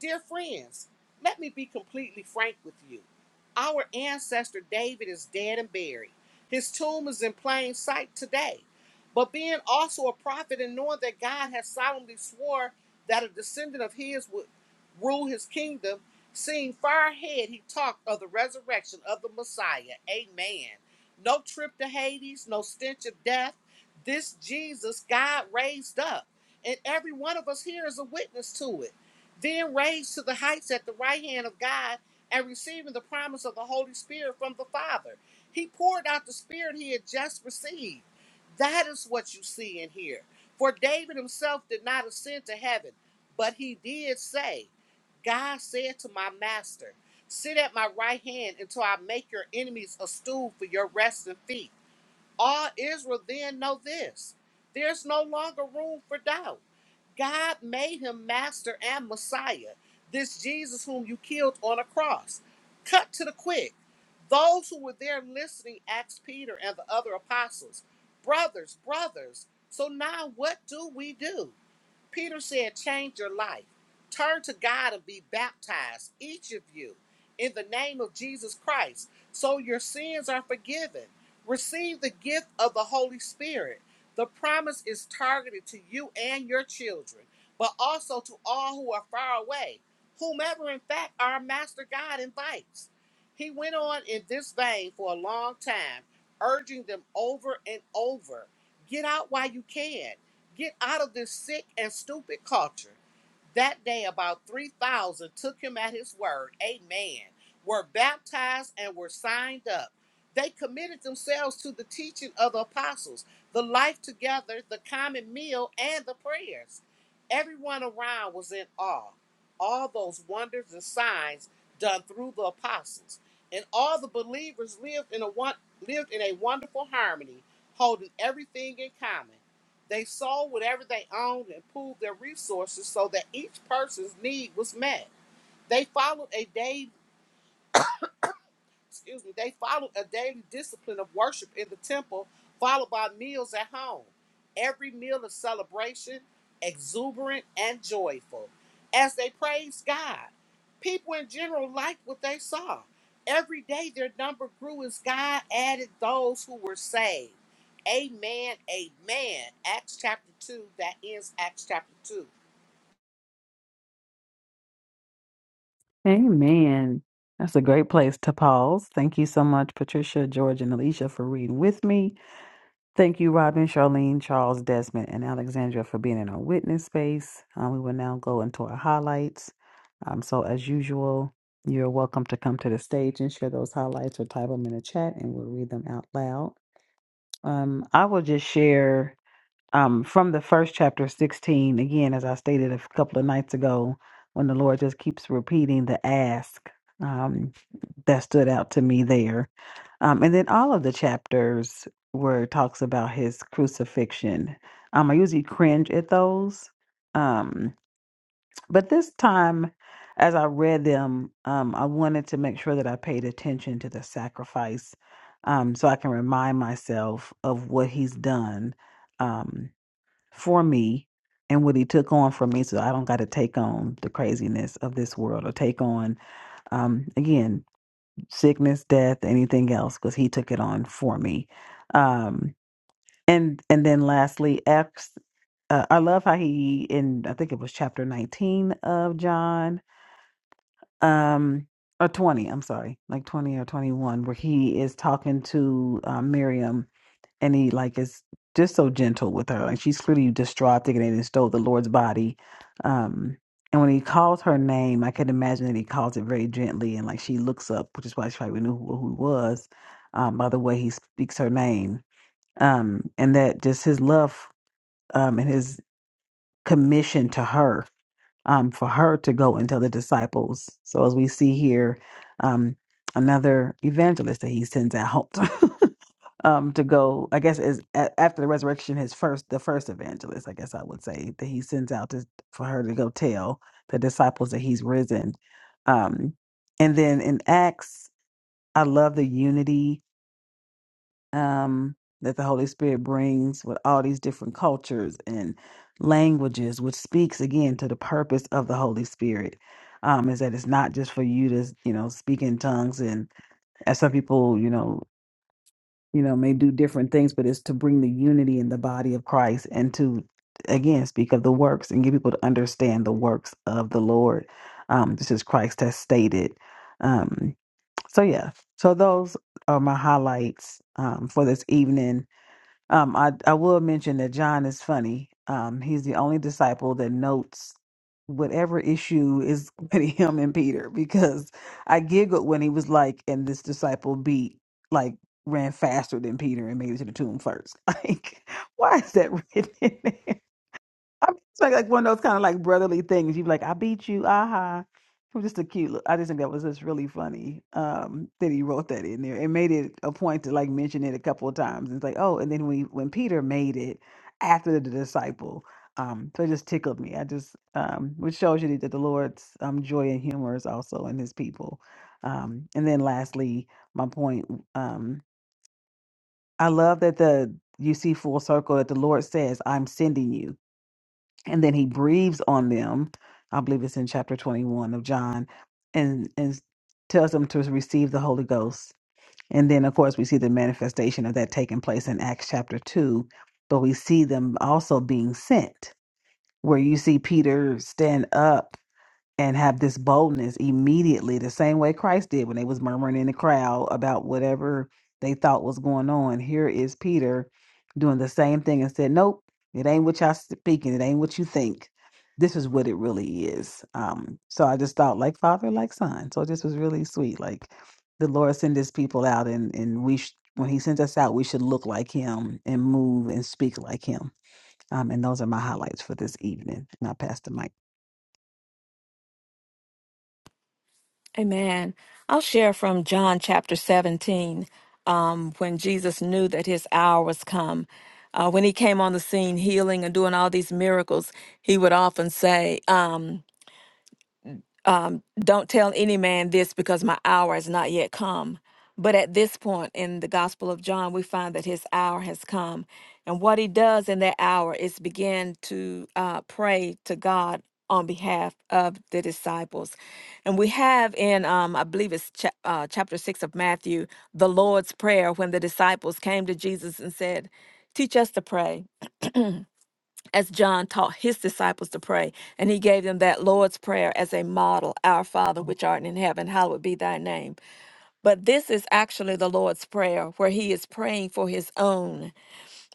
Dear friends, let me be completely frank with you. Our ancestor David is dead and buried. His tomb is in plain sight today. But being also a prophet and knowing that God has solemnly swore that a descendant of his would rule his kingdom, seeing far ahead, he talked of the resurrection of the Messiah. Amen. No trip to Hades, no stench of death. This Jesus God raised up. And every one of us here is a witness to it. Then raised to the heights at the right hand of God and receiving the promise of the Holy Spirit from the Father. He poured out the Spirit he had just received. That is what you see in here. For David himself did not ascend to heaven, but he did say, God said to my master, Sit at my right hand until I make your enemies a stool for your resting feet. All Israel then know this there's no longer room for doubt. God made him master and Messiah, this Jesus whom you killed on a cross. Cut to the quick. Those who were there listening asked Peter and the other apostles, Brothers, brothers, so now what do we do? Peter said, Change your life. Turn to God and be baptized, each of you, in the name of Jesus Christ, so your sins are forgiven. Receive the gift of the Holy Spirit. The promise is targeted to you and your children, but also to all who are far away, whomever, in fact, our Master God invites. He went on in this vein for a long time, urging them over and over get out while you can. Get out of this sick and stupid culture. That day, about 3,000 took him at his word, amen, were baptized and were signed up. They committed themselves to the teaching of the apostles, the life together, the common meal, and the prayers. Everyone around was in awe. All those wonders and signs done through the apostles. And all the believers lived in a one, lived in a wonderful harmony, holding everything in common. They sold whatever they owned and pooled their resources so that each person's need was met. They followed a day excuse me, they followed a daily discipline of worship in the temple, followed by meals at home. Every meal of celebration, exuberant and joyful. As they praised God, people in general liked what they saw. Every day their number grew as God added those who were saved. Amen, amen. Acts chapter 2, that ends Acts chapter 2. Amen. That's a great place to pause. Thank you so much, Patricia, George, and Alicia, for reading with me. Thank you, Robin, Charlene, Charles, Desmond, and Alexandria, for being in our witness space. Um, we will now go into our highlights. Um, so, as usual, you're welcome to come to the stage and share those highlights or type them in the chat, and we'll read them out loud. Um, I will just share um, from the first chapter 16, again, as I stated a couple of nights ago, when the Lord just keeps repeating the ask, um, that stood out to me there. Um, and then all of the chapters where it talks about his crucifixion. Um, I usually cringe at those. Um, but this time, as I read them, um, I wanted to make sure that I paid attention to the sacrifice um, so I can remind myself of what he's done um, for me and what he took on for me so I don't got to take on the craziness of this world or take on, um, again, sickness, death, anything else, because he took it on for me. Um, and, and then lastly, X, uh, I love how he, in, I think it was chapter 19 of John, um, or 20, I'm sorry, like 20 or 21, where he is talking to uh, Miriam and he like is just so gentle with her. Like she's clearly distraught, thinking they done stole the Lord's body. Um, and when he calls her name, I could imagine that he calls it very gently, and like she looks up, which is why she probably knew who, who he was um, by the way he speaks her name. Um, and that just his love um, and his commission to her um, for her to go and tell the disciples. So as we see here, um, another evangelist that he sends out. <laughs> um to go i guess is a- after the resurrection his first the first evangelist i guess i would say that he sends out to, for her to go tell the disciples that he's risen um and then in acts i love the unity um that the holy spirit brings with all these different cultures and languages which speaks again to the purpose of the holy spirit um is that it's not just for you to you know speak in tongues and as some people you know you know, may do different things, but it's to bring the unity in the body of Christ and to, again, speak of the works and get people to understand the works of the Lord. Um, this is Christ has stated. Um, so, yeah, so those are my highlights um, for this evening. Um, I, I will mention that John is funny. Um, he's the only disciple that notes whatever issue is <laughs> with him and Peter because I giggled when he was like, and this disciple beat, like, ran faster than Peter and made it to the tomb first. <laughs> Like, why is that <laughs> written in there? I mean, it's like, like one of those kind of like brotherly things. You'd be like, I beat you, aha. It was just a cute. li- I just think that was just really funny um, that he wrote that in there and made it a point to like mention it a couple of times. And it's like, oh, and then when he, when Peter made it after the disciple, um, so it just tickled me. I just um, which shows you that the Lord's um, joy and humor is also in His people. Um, and then lastly, my point. Um, I love that the you see full circle that the Lord says, "I'm sending you." and then he breathes on them i believe it's in chapter 21 of john and and tells them to receive the holy ghost and then of course we see the manifestation of that taking place in acts chapter 2 but we see them also being sent where you see peter stand up and have this boldness immediately the same way christ did when they was murmuring in the crowd about whatever they thought was going on here is peter doing the same thing and said nope it ain't what y'all speaking it ain't what you think this is what it really is um so i just thought like father like son so this was really sweet like the lord send his people out and and we sh- when he sends us out we should look like him and move and speak like him um, and those are my highlights for this evening. And I pass the mic. Amen. I'll share from John chapter 17 um, when Jesus knew that his hour was come. Uh, when he came on the scene healing and doing all these miracles, he would often say, um, um, don't tell any man this because my hour has not yet come. But at this point in the Gospel of John, we find that his hour has come. And what he does in that hour is begin to uh, pray to God on behalf of the disciples. And we have in, um, I believe it's cha- uh, chapter six of Matthew, the Lord's Prayer when the disciples came to Jesus and said, Teach us to pray as John taught his disciples to pray. And he gave them that Lord's Prayer as a model Our Father, which art in heaven, hallowed be thy name. But this is actually the Lord's Prayer, where he is praying for his own.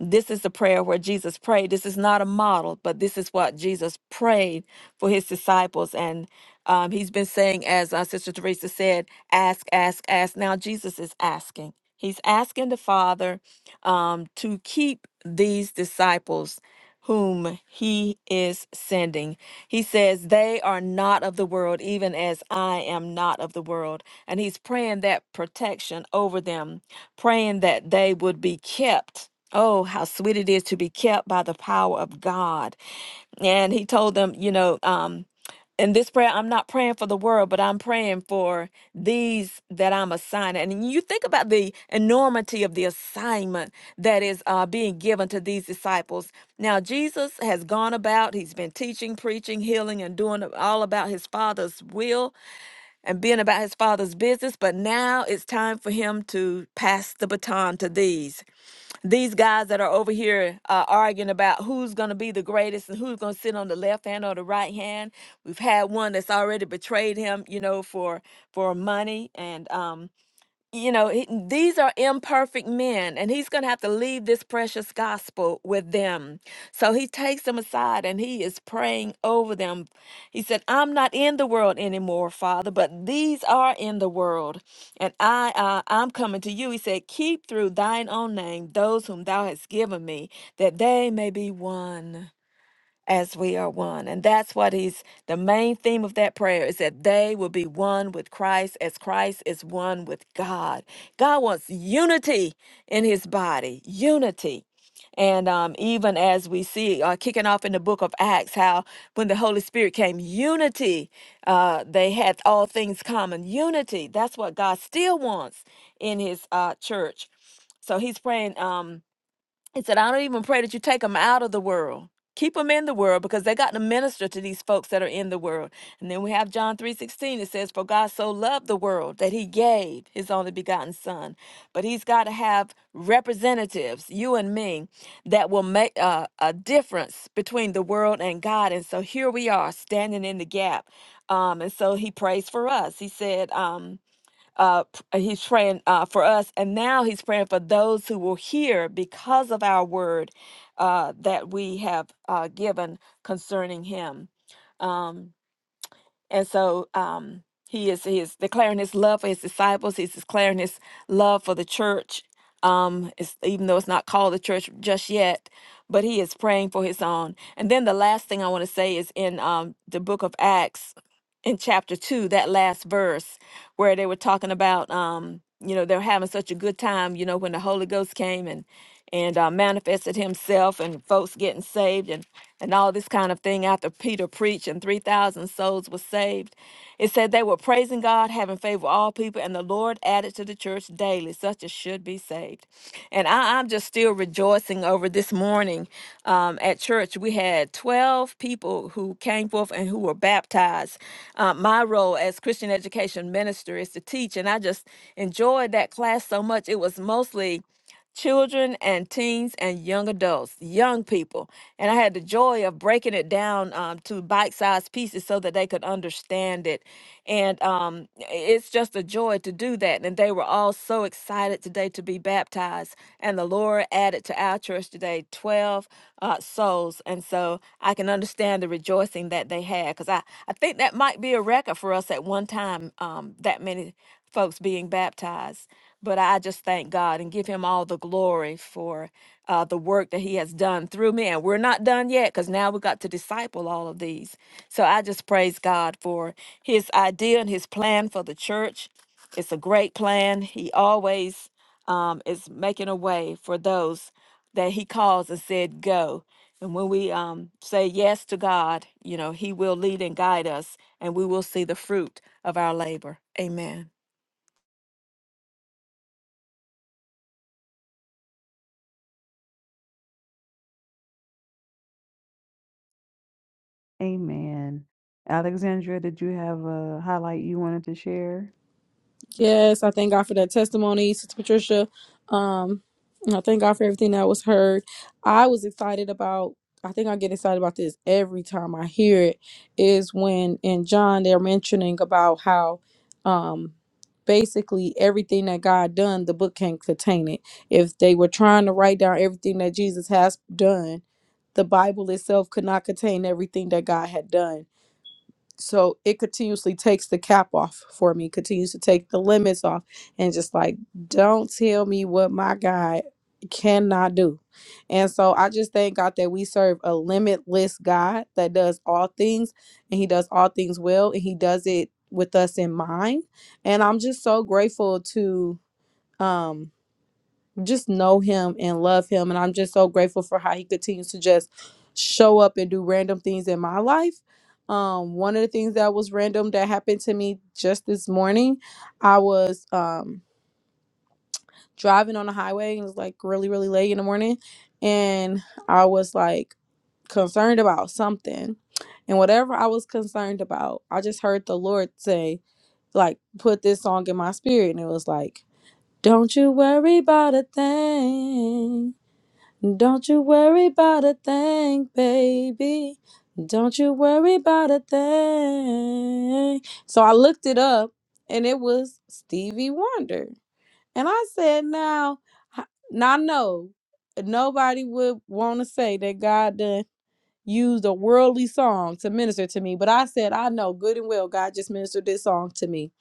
This is the prayer where Jesus prayed. This is not a model, but this is what Jesus prayed for his disciples. And um, he's been saying, as uh, Sister Teresa said, ask, ask, ask. Now Jesus is asking. He's asking the Father um, to keep these disciples whom he is sending. He says, They are not of the world, even as I am not of the world. And he's praying that protection over them praying that they would be kept. Oh, how sweet it is to be kept by the power of God. And he told them, you know, um, in this prayer, I'm not praying for the world, but I'm praying for these that I'm assigning. And you think about the enormity of the assignment that is uh, being given to these disciples. Now, Jesus has gone about, he's been teaching, preaching, healing, and doing all about his Father's will and being about his father's business, but now it's time for him to pass the baton to these. These guys that are over here uh, arguing about who's going to be the greatest and who's going to sit on the left hand or the right hand. We've had one that's already betrayed him, you know, for for money and um you know he- these are imperfect men and he's going to have to leave this precious gospel with them so he takes them aside and he is praying over them he said i'm not in the world anymore father but these are in the world and i uh, i'm coming to you he said keep through thine own name those whom thou hast given me that they may be one as we are one. And that's what he's the main theme of that prayer is that they will be one with Christ as Christ is one with God. God wants unity in his body, unity. And um, even as we see uh, kicking off in the book of Acts, how when the Holy Spirit came, unity, uh, they had all things common. Unity, that's what God still wants in his uh, church. So he's praying. Um, he said, I don't even pray that you take them out of the world. Keep them in the world because they got to minister to these folks that are in the world. And then we have John 3:16. It says, For God so loved the world that he gave his only begotten son. But he's got to have representatives, you and me, that will make uh, a difference between the world and God. And so here we are standing in the gap. Um, and so he prays for us. He said, um, uh p- uh, he's praying uh for us and now he's praying for those who will hear because of our word uh that we have uh given concerning him um and so um he is he is declaring his love for his disciples he's declaring his love for the church um it's, even though it's not called the church just yet but he is praying for his own and then the last thing i want to say is in um the book of acts in chapter 2 that last verse where they were talking about um you know they were having such a good time you know when the holy ghost came and and uh, manifested himself and folks getting saved and and all this kind of thing after peter preached and 3000 souls were saved it said they were praising god having favor with all people and the lord added to the church church daily. Such as should be saved. And I, I'm just still rejoicing over this morning um, at church. We had 12 people who came forth and who were baptized. Uh, my role as Christian education minister is to teach, and I just enjoyed that class so much. It was mostly children and teens and young adults, young people. And I had the joy of breaking it down um, to bite sized pieces so that they could understand it. And um, it's just a joy to do that. And they were all so excited today to be baptized. And the Lord added to our church today 12 uh, souls. And so I can understand the rejoicing that they had because I, I think that might be a record for us at one time, um, that many folks being baptized. But I just thank God and give him all the glory for uh, the work that he has done through me. And we're not done yet because now we got to disciple all of these. So I just praise God for his idea and his plan for the church. It's a great plan. He always um, is making a way for those that he calls and said, go. And when we um, say yes to God, you know, he will lead and guide us and we will see the fruit of our labor. Amen. Amen. Alexandra, did you have a highlight you wanted to share? Yes, I thank God for that testimony, Sister Patricia. Um, and I thank God for everything that was heard. I was excited about. I think I get excited about this every time I hear it. Is when in John they're mentioning about how, um, basically everything that God done, the book can't contain it. If they were trying to write down everything that Jesus has done, the Bible itself could not contain everything that God had done so it continuously takes the cap off for me continues to take the limits off and just like don't tell me what my god cannot do and so i just thank god that we serve a limitless god that does all things and he does all things well and he does it with us in mind and i'm just so grateful to um just know him and love him. And I'm just so grateful for how he continues to just show up and do random things in my life. Um, one of the things that was random that happened to me just this morning, I was um, driving on the highway and it was like really, really late in the morning. And I was like concerned about something. And whatever I was concerned about, I just heard the Lord say, like, put this song in my spirit. And it was like, don't you worry about a thing. Don't you worry about a thing, baby. Don't you worry about a thing. So I looked it up and it was Stevie Wonder. And I said, now, h- now I know nobody would want to say that God done used a worldly song to minister to me, but I said, I know good and well God just ministered this song to me.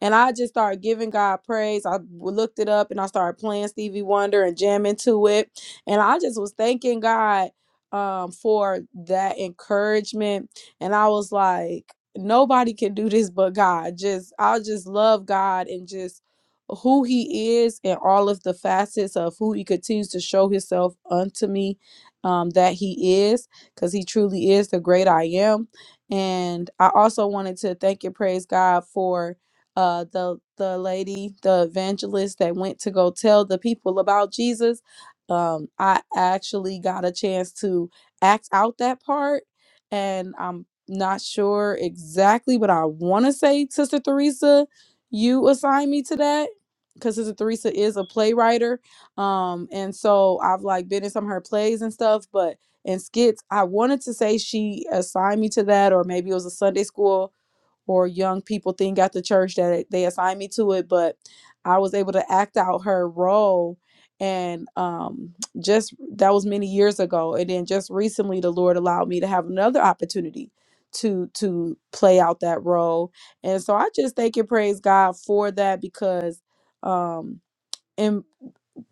And I just started giving God praise. I looked it up and I started playing Stevie Wonder and jamming to it. And I just was thanking God um, for that encouragement. And I was like, nobody can do this but God. Just, I just love God and just who he is and all of the facets of who he continues to show himself unto me um, that he is because he truly is the great I am. And I also wanted to thank and praise God for uh the the lady, the evangelist that went to go tell the people about Jesus. Um, I actually got a chance to act out that part, and I'm not sure exactly, but I want to say, Sister Theresa, you assigned me to that because Sister Theresa is a playwright. Um, and so I've like been in some of her plays and stuff, but and skits. I wanted to say she assigned me to that, or maybe it was a Sunday school or young people thing at the church that they assigned me to it, but I was able to act out her role. And um, just that was many years ago. And then just recently, the Lord allowed me to have another opportunity to to play out that role. And so I just thank and praise God for that because um, in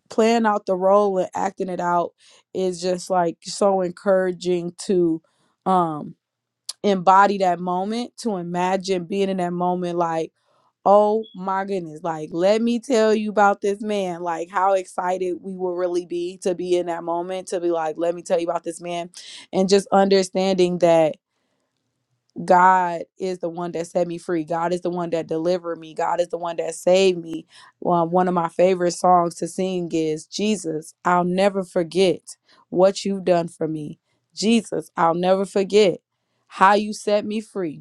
playing out the role and acting it out is just like so encouraging to um embody that moment to imagine being in that moment like oh my goodness like let me tell you about this man like how excited we will really be to be in that moment to be like let me tell you about this man and just understanding that God is the one that set me free. God is the one that delivered me. God is the one that saved me. Well, one of my favorite songs to sing is Jesus, I'll never forget what you've done for me. Jesus, I'll never forget how you set me free.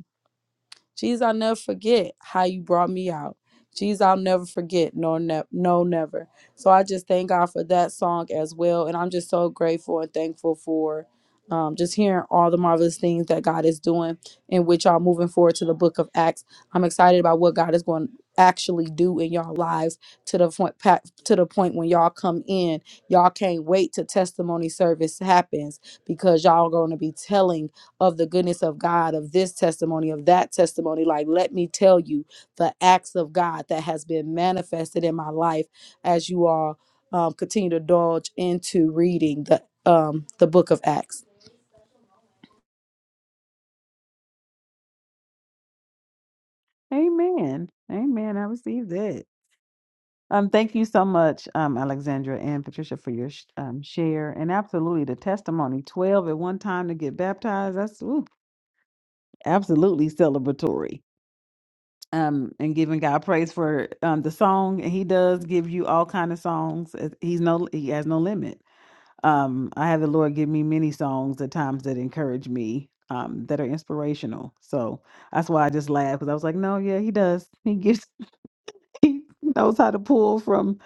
Jesus, I'll never forget how you brought me out. Jesus, I'll never forget. No, ne- no, never. So I just thank God for that song as well. And I'm just so grateful and thankful for um, just hearing all the marvelous things that God is doing in which y'all moving forward to the book of Acts. I'm excited about what God is going to actually do in y'all lives to the point pa- to the point when y'all come in y'all can't wait till testimony service happens because y'all going to be telling of the goodness of God, of this testimony, of that testimony. Like, let me tell you the acts of God that has been manifested in my life as you all um, continue to dodge into reading the um, the book of Acts. Amen. Amen. I received that. Um, thank you so much, um, Alexandra and Patricia, for your sh- um, share and absolutely the testimony. Twelve at one time to get baptized—that's absolutely celebratory. Um, and giving God praise for um, the song, and He does give you all kind of songs. Uh, He's no, He has no limit. Um, I have the Lord give me many songs at times that encourage me, um, that are inspirational. So that's why I just laughed because I was like, "No, yeah, He does. He gives he knows how to pull from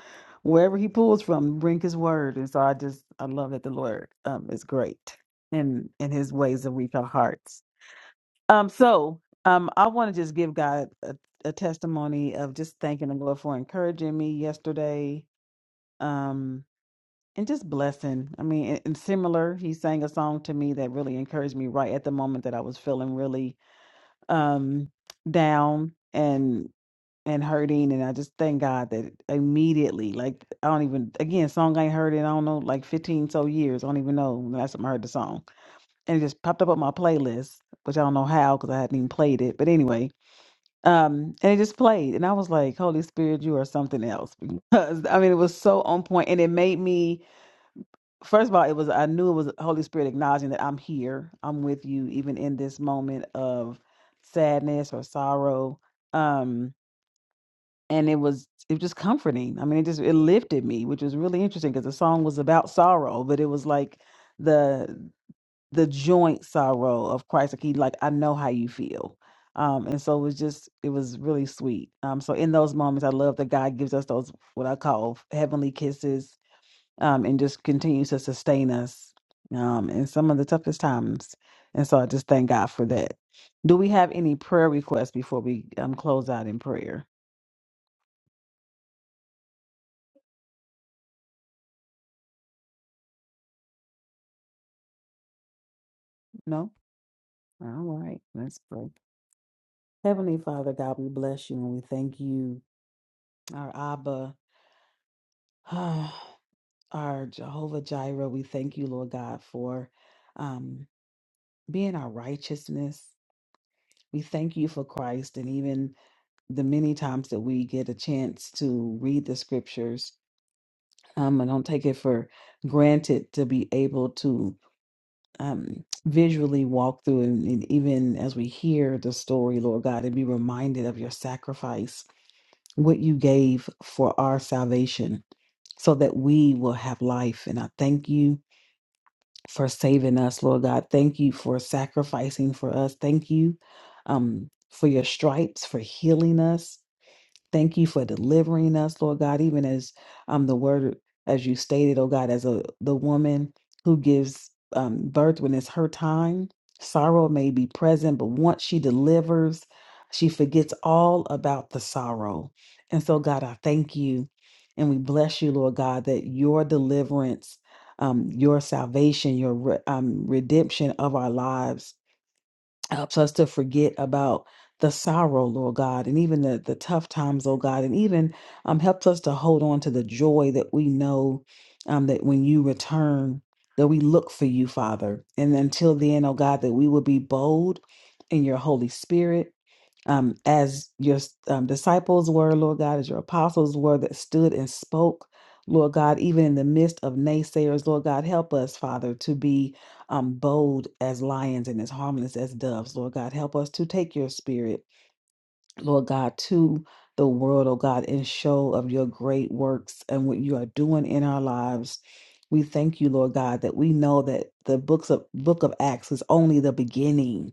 wherever he pulls from, bring his word. And so I just I love that the Lord um is great and in his ways that reach our hearts. Um so um I want to just give God a, a testimony of just thanking the Lord for encouraging me yesterday. Um and just blessing. I mean, and, and similar, he sang a song to me that really encouraged me right at the moment that I was feeling really um down. And hurting, and I just thank God that immediately, like I don't even again, song I ain't heard in I don't know like fifteen so years. I don't even know the last time I heard the song, and it just popped up on my playlist, which I don't know how because I hadn't even played it. But anyway, um, and it just played, and I was like, Holy Spirit, you are something else. <laughs> Because I mean, it was so on point, and it made me. First of all, it was I knew it was Holy Spirit acknowledging that I'm here, I'm with you, even in this moment of sadness or sorrow. Um, and it was it was just comforting. I mean, it just it lifted me, which was really interesting because the song was about sorrow, but it was like the the joint sorrow of Christ. Like he like I know how you feel. Um, and so it was just it was really sweet. Um, so in those moments, I love that God gives us those what I call heavenly kisses, um, and just continues to sustain us um, in some of the toughest times. And so I just thank God for that. Do we have any prayer requests before we um, close out in prayer? No. All right, let's pray. Heavenly Father, God, we bless you and we thank you, our Abba, <sighs> our Jehovah Jireh. We thank you, Lord God, for um, being our righteousness. We thank you for Christ and even the many times that we get a chance to read the scriptures. Um, I don't take it for granted to be able to um, visually walk through and, and even as we hear the story, Lord God, and be reminded of your sacrifice what you gave for our salvation so that we will have life. And I thank you for saving us, Lord God. Thank you for sacrificing for us. Thank you um, for your stripes, for healing us. Thank you for delivering us, Lord God, even as um the word as you stated, oh God, as a the woman who gives um birth when it's her time. Sorrow may be present, but once she delivers, she forgets all about the sorrow. And so, God, I thank you and we bless you, Lord God, that your deliverance, um, your salvation, your re- um, redemption of our lives helps us to forget about the sorrow, Lord God, and even the, the tough times, oh God, and even um, helps us to hold on to the joy that we know um, that when you return, that we look for you, Father. And until then, oh God, that we will be bold in your Holy Spirit um, as your um, disciples were, Lord God, as your apostles were that stood and spoke, Lord God, even in the midst of naysayers, Lord God, help us, Father, to be um, bold as lions and as harmless as doves, Lord God. Help us to take your spirit, Lord God, to the world, oh God, and show of your great works and what you are doing in our lives. We thank you, Lord God, that we know that the books of book of Acts is only the beginning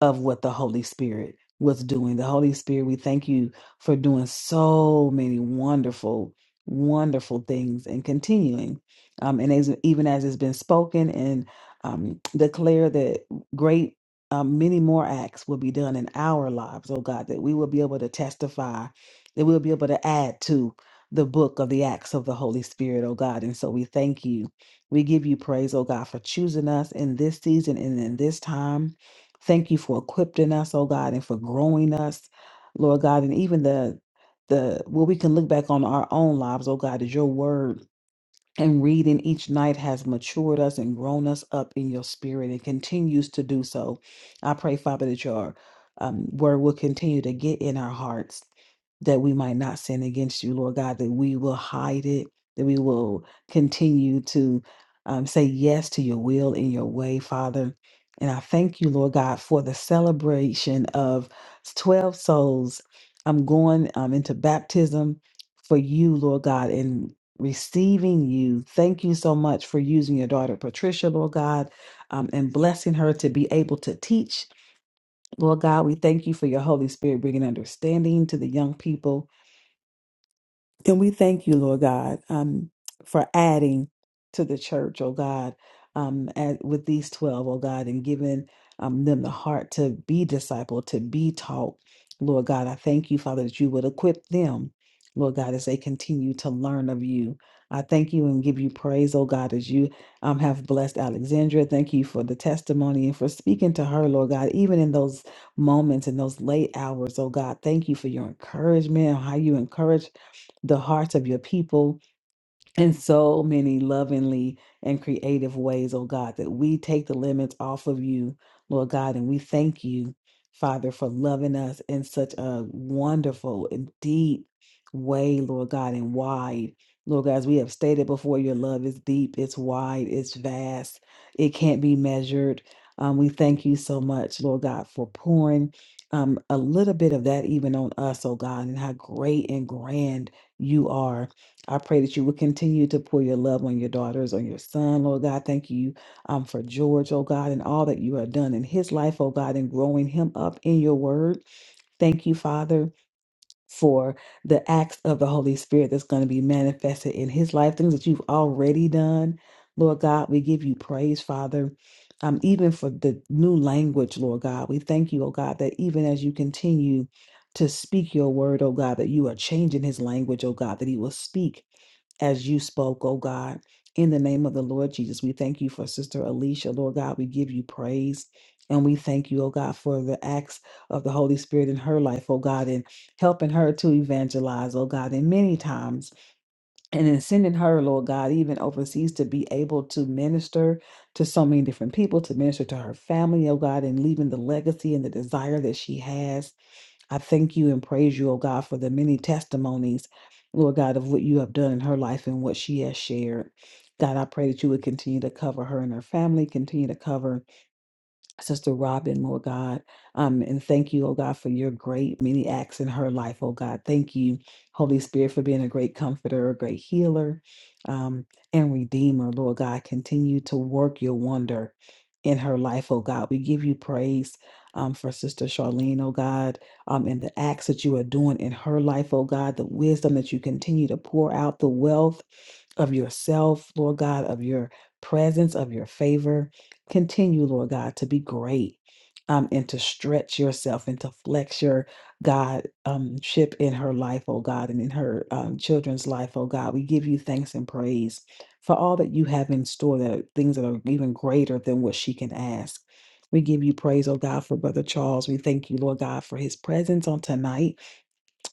of what the Holy Spirit was doing. The Holy Spirit, we thank you for doing so many wonderful, wonderful things and continuing. Um, and as, even as it's been spoken and um, declared that great, um, many more acts will be done in our lives, oh God, that we will be able to testify, that we'll be able to add to the book of the acts of the Holy Spirit, oh God. And so we thank you. We give you praise, oh God, for choosing us in this season and in this time Thank you for equipping us, oh God, and for growing us, Lord God, and even the the what we can look back on our own lives, oh God, is your word and reading each night has matured us and grown us up in your spirit and continues to do so. I pray, Father, that your um, word will continue to get in our hearts that we might not sin against you, Lord God, that we will hide it, that we will continue to um, say yes to your will and your way, Father. And I thank you, Lord God, for the celebration of 12 souls. I'm going um, into baptism for you, Lord God, receiving you. Thank you so much for using your daughter, Patricia, Lord God, um, and blessing her to be able to teach. Lord God, we thank you for your Holy Spirit bringing understanding to the young people and we thank you, Lord God, um, for adding to the church, oh God, um, at, with these 12, O God, and giving um, them the heart to be discipled, to be taught. Lord God, I thank you, Father, that you would equip them, Lord God, as they continue to learn of you. I thank you and give you praise, oh God, as you um, have blessed Alexandria. Thank you for the testimony and for speaking to her, Lord God, even in those moments, in those late hours, oh God. Thank you for your encouragement, how you encourage the hearts of your people in so many lovingly and creative ways, oh God, that we take the limits off of you, Lord God, and we thank you, Father, for loving us in such a wonderful and deep way, Lord God, and wide. Lord God, as we have stated before, your love is deep, it's wide, it's vast, it can't be measured. Um, we thank you so much, Lord God, for pouring um, a little bit of that even on us, oh God, and how great and grand you are. I pray that you will continue to pour your love on your daughters, on your son, Lord God. Thank you um, for George, oh God, and all that you have done in his life, oh God, and growing him up in your word. Thank you, Father, for the acts of the Holy Spirit that's going to be manifested in his life, things that you've already done. Lord God, we give you praise, Father. Um, even for the new language, Lord God, we thank you, oh God, that even as you continue to speak your word, oh God, that you are changing his language, oh God, that he will speak as you spoke, oh God. In the name of the Lord Jesus, we thank you for Sister Alicia. Lord God, we give you praise. And we thank you, oh God, for the acts of the Holy Spirit in her life, oh God, and helping her to evangelize, oh God, and many times, and in sending her, Lord God, even overseas to be able to minister to so many different people, to minister to her family, oh God, and leaving the legacy and the desire that she has I thank you and praise you, O God, for the many testimonies, Lord God, of what you have done in her life and what she has shared. God, I pray that you would continue to cover her and her family, continue to cover Sister Robin, Lord God. Um, and thank you, oh God, for your great many acts in her life, oh God. Thank you, Holy Spirit, for being a great comforter, a great healer, um, and redeemer, Lord God. Continue to work your wonder in her life, oh God. We give you praise um, for Sister Charlene, oh God, um, and the acts that you are doing in her life, oh God, the wisdom that you continue to pour out, the wealth of yourself, Lord God, of your presence, of your favor. Continue, Lord God, to be great. Um, and to stretch yourself and to flex your God um, ship in her life, oh God, and in her um, children's life, oh God. We give you thanks and praise for all that you have in store, that are things that are even greater than what she can ask. We give you praise, oh God, for Brother Charles. We thank you, Lord God, for his presence on tonight.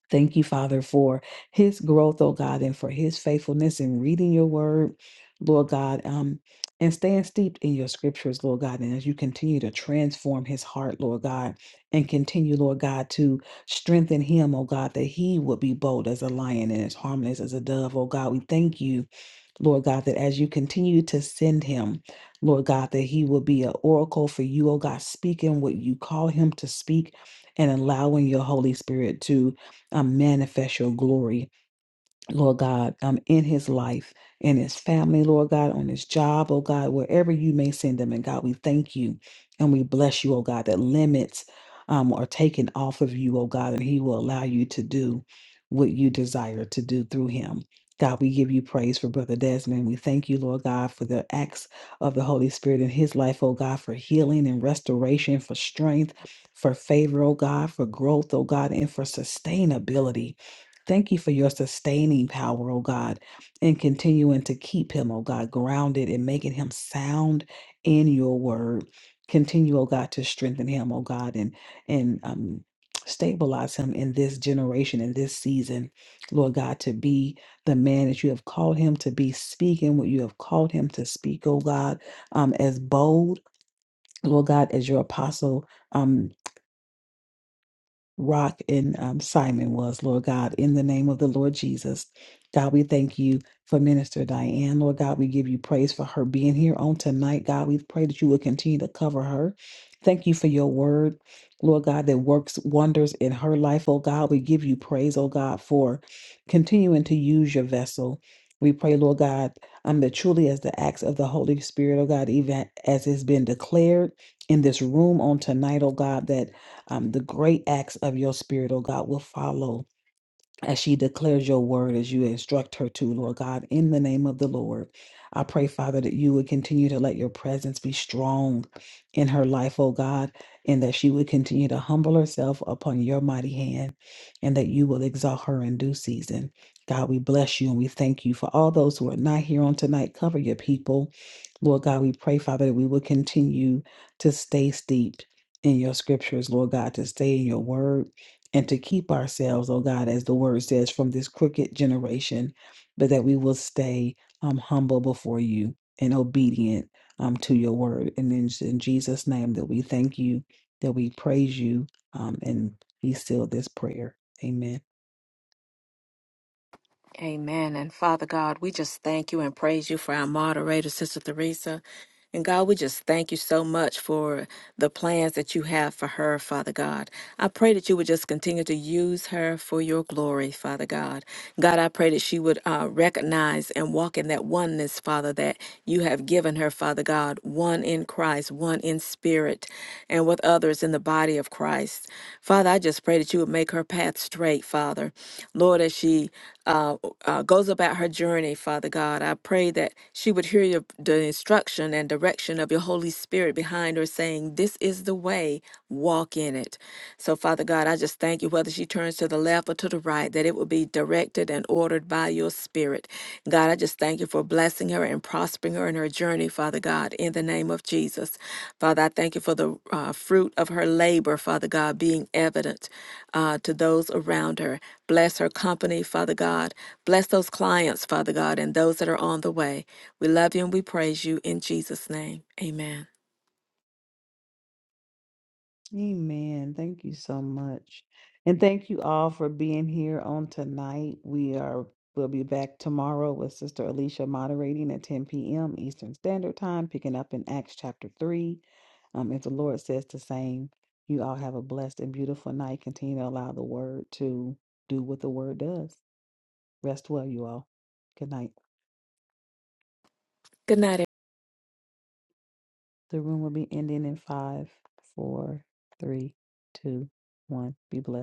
Thank you, Father, for his growth, oh God, and for his faithfulness in reading your word, Lord God, um, and staying steeped in your scriptures, Lord God. And as you continue to transform his heart, Lord God, and continue, Lord God, to strengthen him, oh God, that he would be bold as a lion and as harmless as a dove, oh God. We thank you. Lord God, that as you continue to send him, Lord God, that he will be an oracle for you, oh God, speaking what you call him to speak and allowing your Holy Spirit to uh, manifest your glory Lord God, um, in his life, in his family, Lord God, on his job, oh God, wherever you may send them. And God, we thank you and we bless you, oh God, that limits um, are taken off of you, oh God, and he will allow you to do what you desire to do through him. God, we give you praise for Brother Desmond. We thank you, Lord God, for the acts of the Holy Spirit in his life, oh God, for healing and restoration, for strength, for favor, oh God, for growth, oh God, and for sustainability. Thank you for your sustaining power, oh God, and continuing to keep him, oh God, grounded and making him sound in your word. Continue, oh God, to strengthen him, oh God, and and um stabilize him in this generation, in this season, Lord God, to be the man that you have called him to be, speaking what you have called him to speak, oh God, um, as bold, Lord God, as your apostle. um, Rock and um, Simon was, Lord God, in the name of the Lord Jesus. God, we thank you for Minister Diane. Lord God, we give you praise for her being here on tonight. God, we pray that you will continue to cover her. Thank you for your word, Lord God, that works wonders in her life. Oh God, we give you praise, oh God, for continuing to use your vessel. We pray, Lord God, um, that truly as the acts of the Holy Spirit, oh God, even as it's been declared in this room on tonight, oh God, that um, the great acts of your spirit, oh God, will follow as she declares your word, as you instruct her to, Lord God, in the name of the Lord. I pray, Father, that you would continue to let your presence be strong in her life, oh God, and that she would continue to humble herself upon your mighty hand and that you will exalt her in due season. God, we bless you and we thank you for all those who are not here on tonight. Cover your people. Lord God, we pray, Father, that we will continue to stay steeped in your scriptures, Lord God, to stay in your word and to keep ourselves, oh God, as the word says, from this crooked generation, but that we will stay um, humble before you and obedient um, to your word. And in, in Jesus' name, that we thank you, that we praise you, um, and we seal this prayer. Amen. Amen. And Father God, we just thank you and praise you for our moderator, Sister Theresa. And God, we just thank you so much for the plans that you have for her, Father God. I pray that you would just continue to use her for your glory, Father God. God, I pray that she would uh, recognize and walk in that oneness, Father, that you have given her, Father God, one in Christ, one in spirit, and with others in the body of Christ. Father, I just pray that you would make her path straight, Father. Lord, as she uh, uh, goes about her journey, Father God, I pray that she would hear your, the instruction and direction of your Holy Spirit behind her saying, This is the way, walk in it. So, Father God, I just thank you, whether she turns to the left or to the right, that it will be directed and ordered by your Spirit. Spirit. God, I just thank you for blessing her and prospering her in her journey, Father God, in the name of Jesus. Father, I thank you for the uh, fruit of her labor, Father God, being evident uh, to those around her. Bless her company, Father God. Bless those clients, Father God, and those that are on the way. We love you and we praise you in Jesus' name. Amen. Amen. Thank you so much. And thank you all for being here on tonight. We are we'll be back tomorrow with Sister Alicia moderating at 10 p.m. Eastern Standard Time, picking up in Acts chapter 3. Um, if the Lord says the same, you all have a blessed and beautiful night. Continue to allow the word to do what the word does. Rest well, you all. Good night. Good night, The room will be ending in five, four, three, two, one. Be blessed.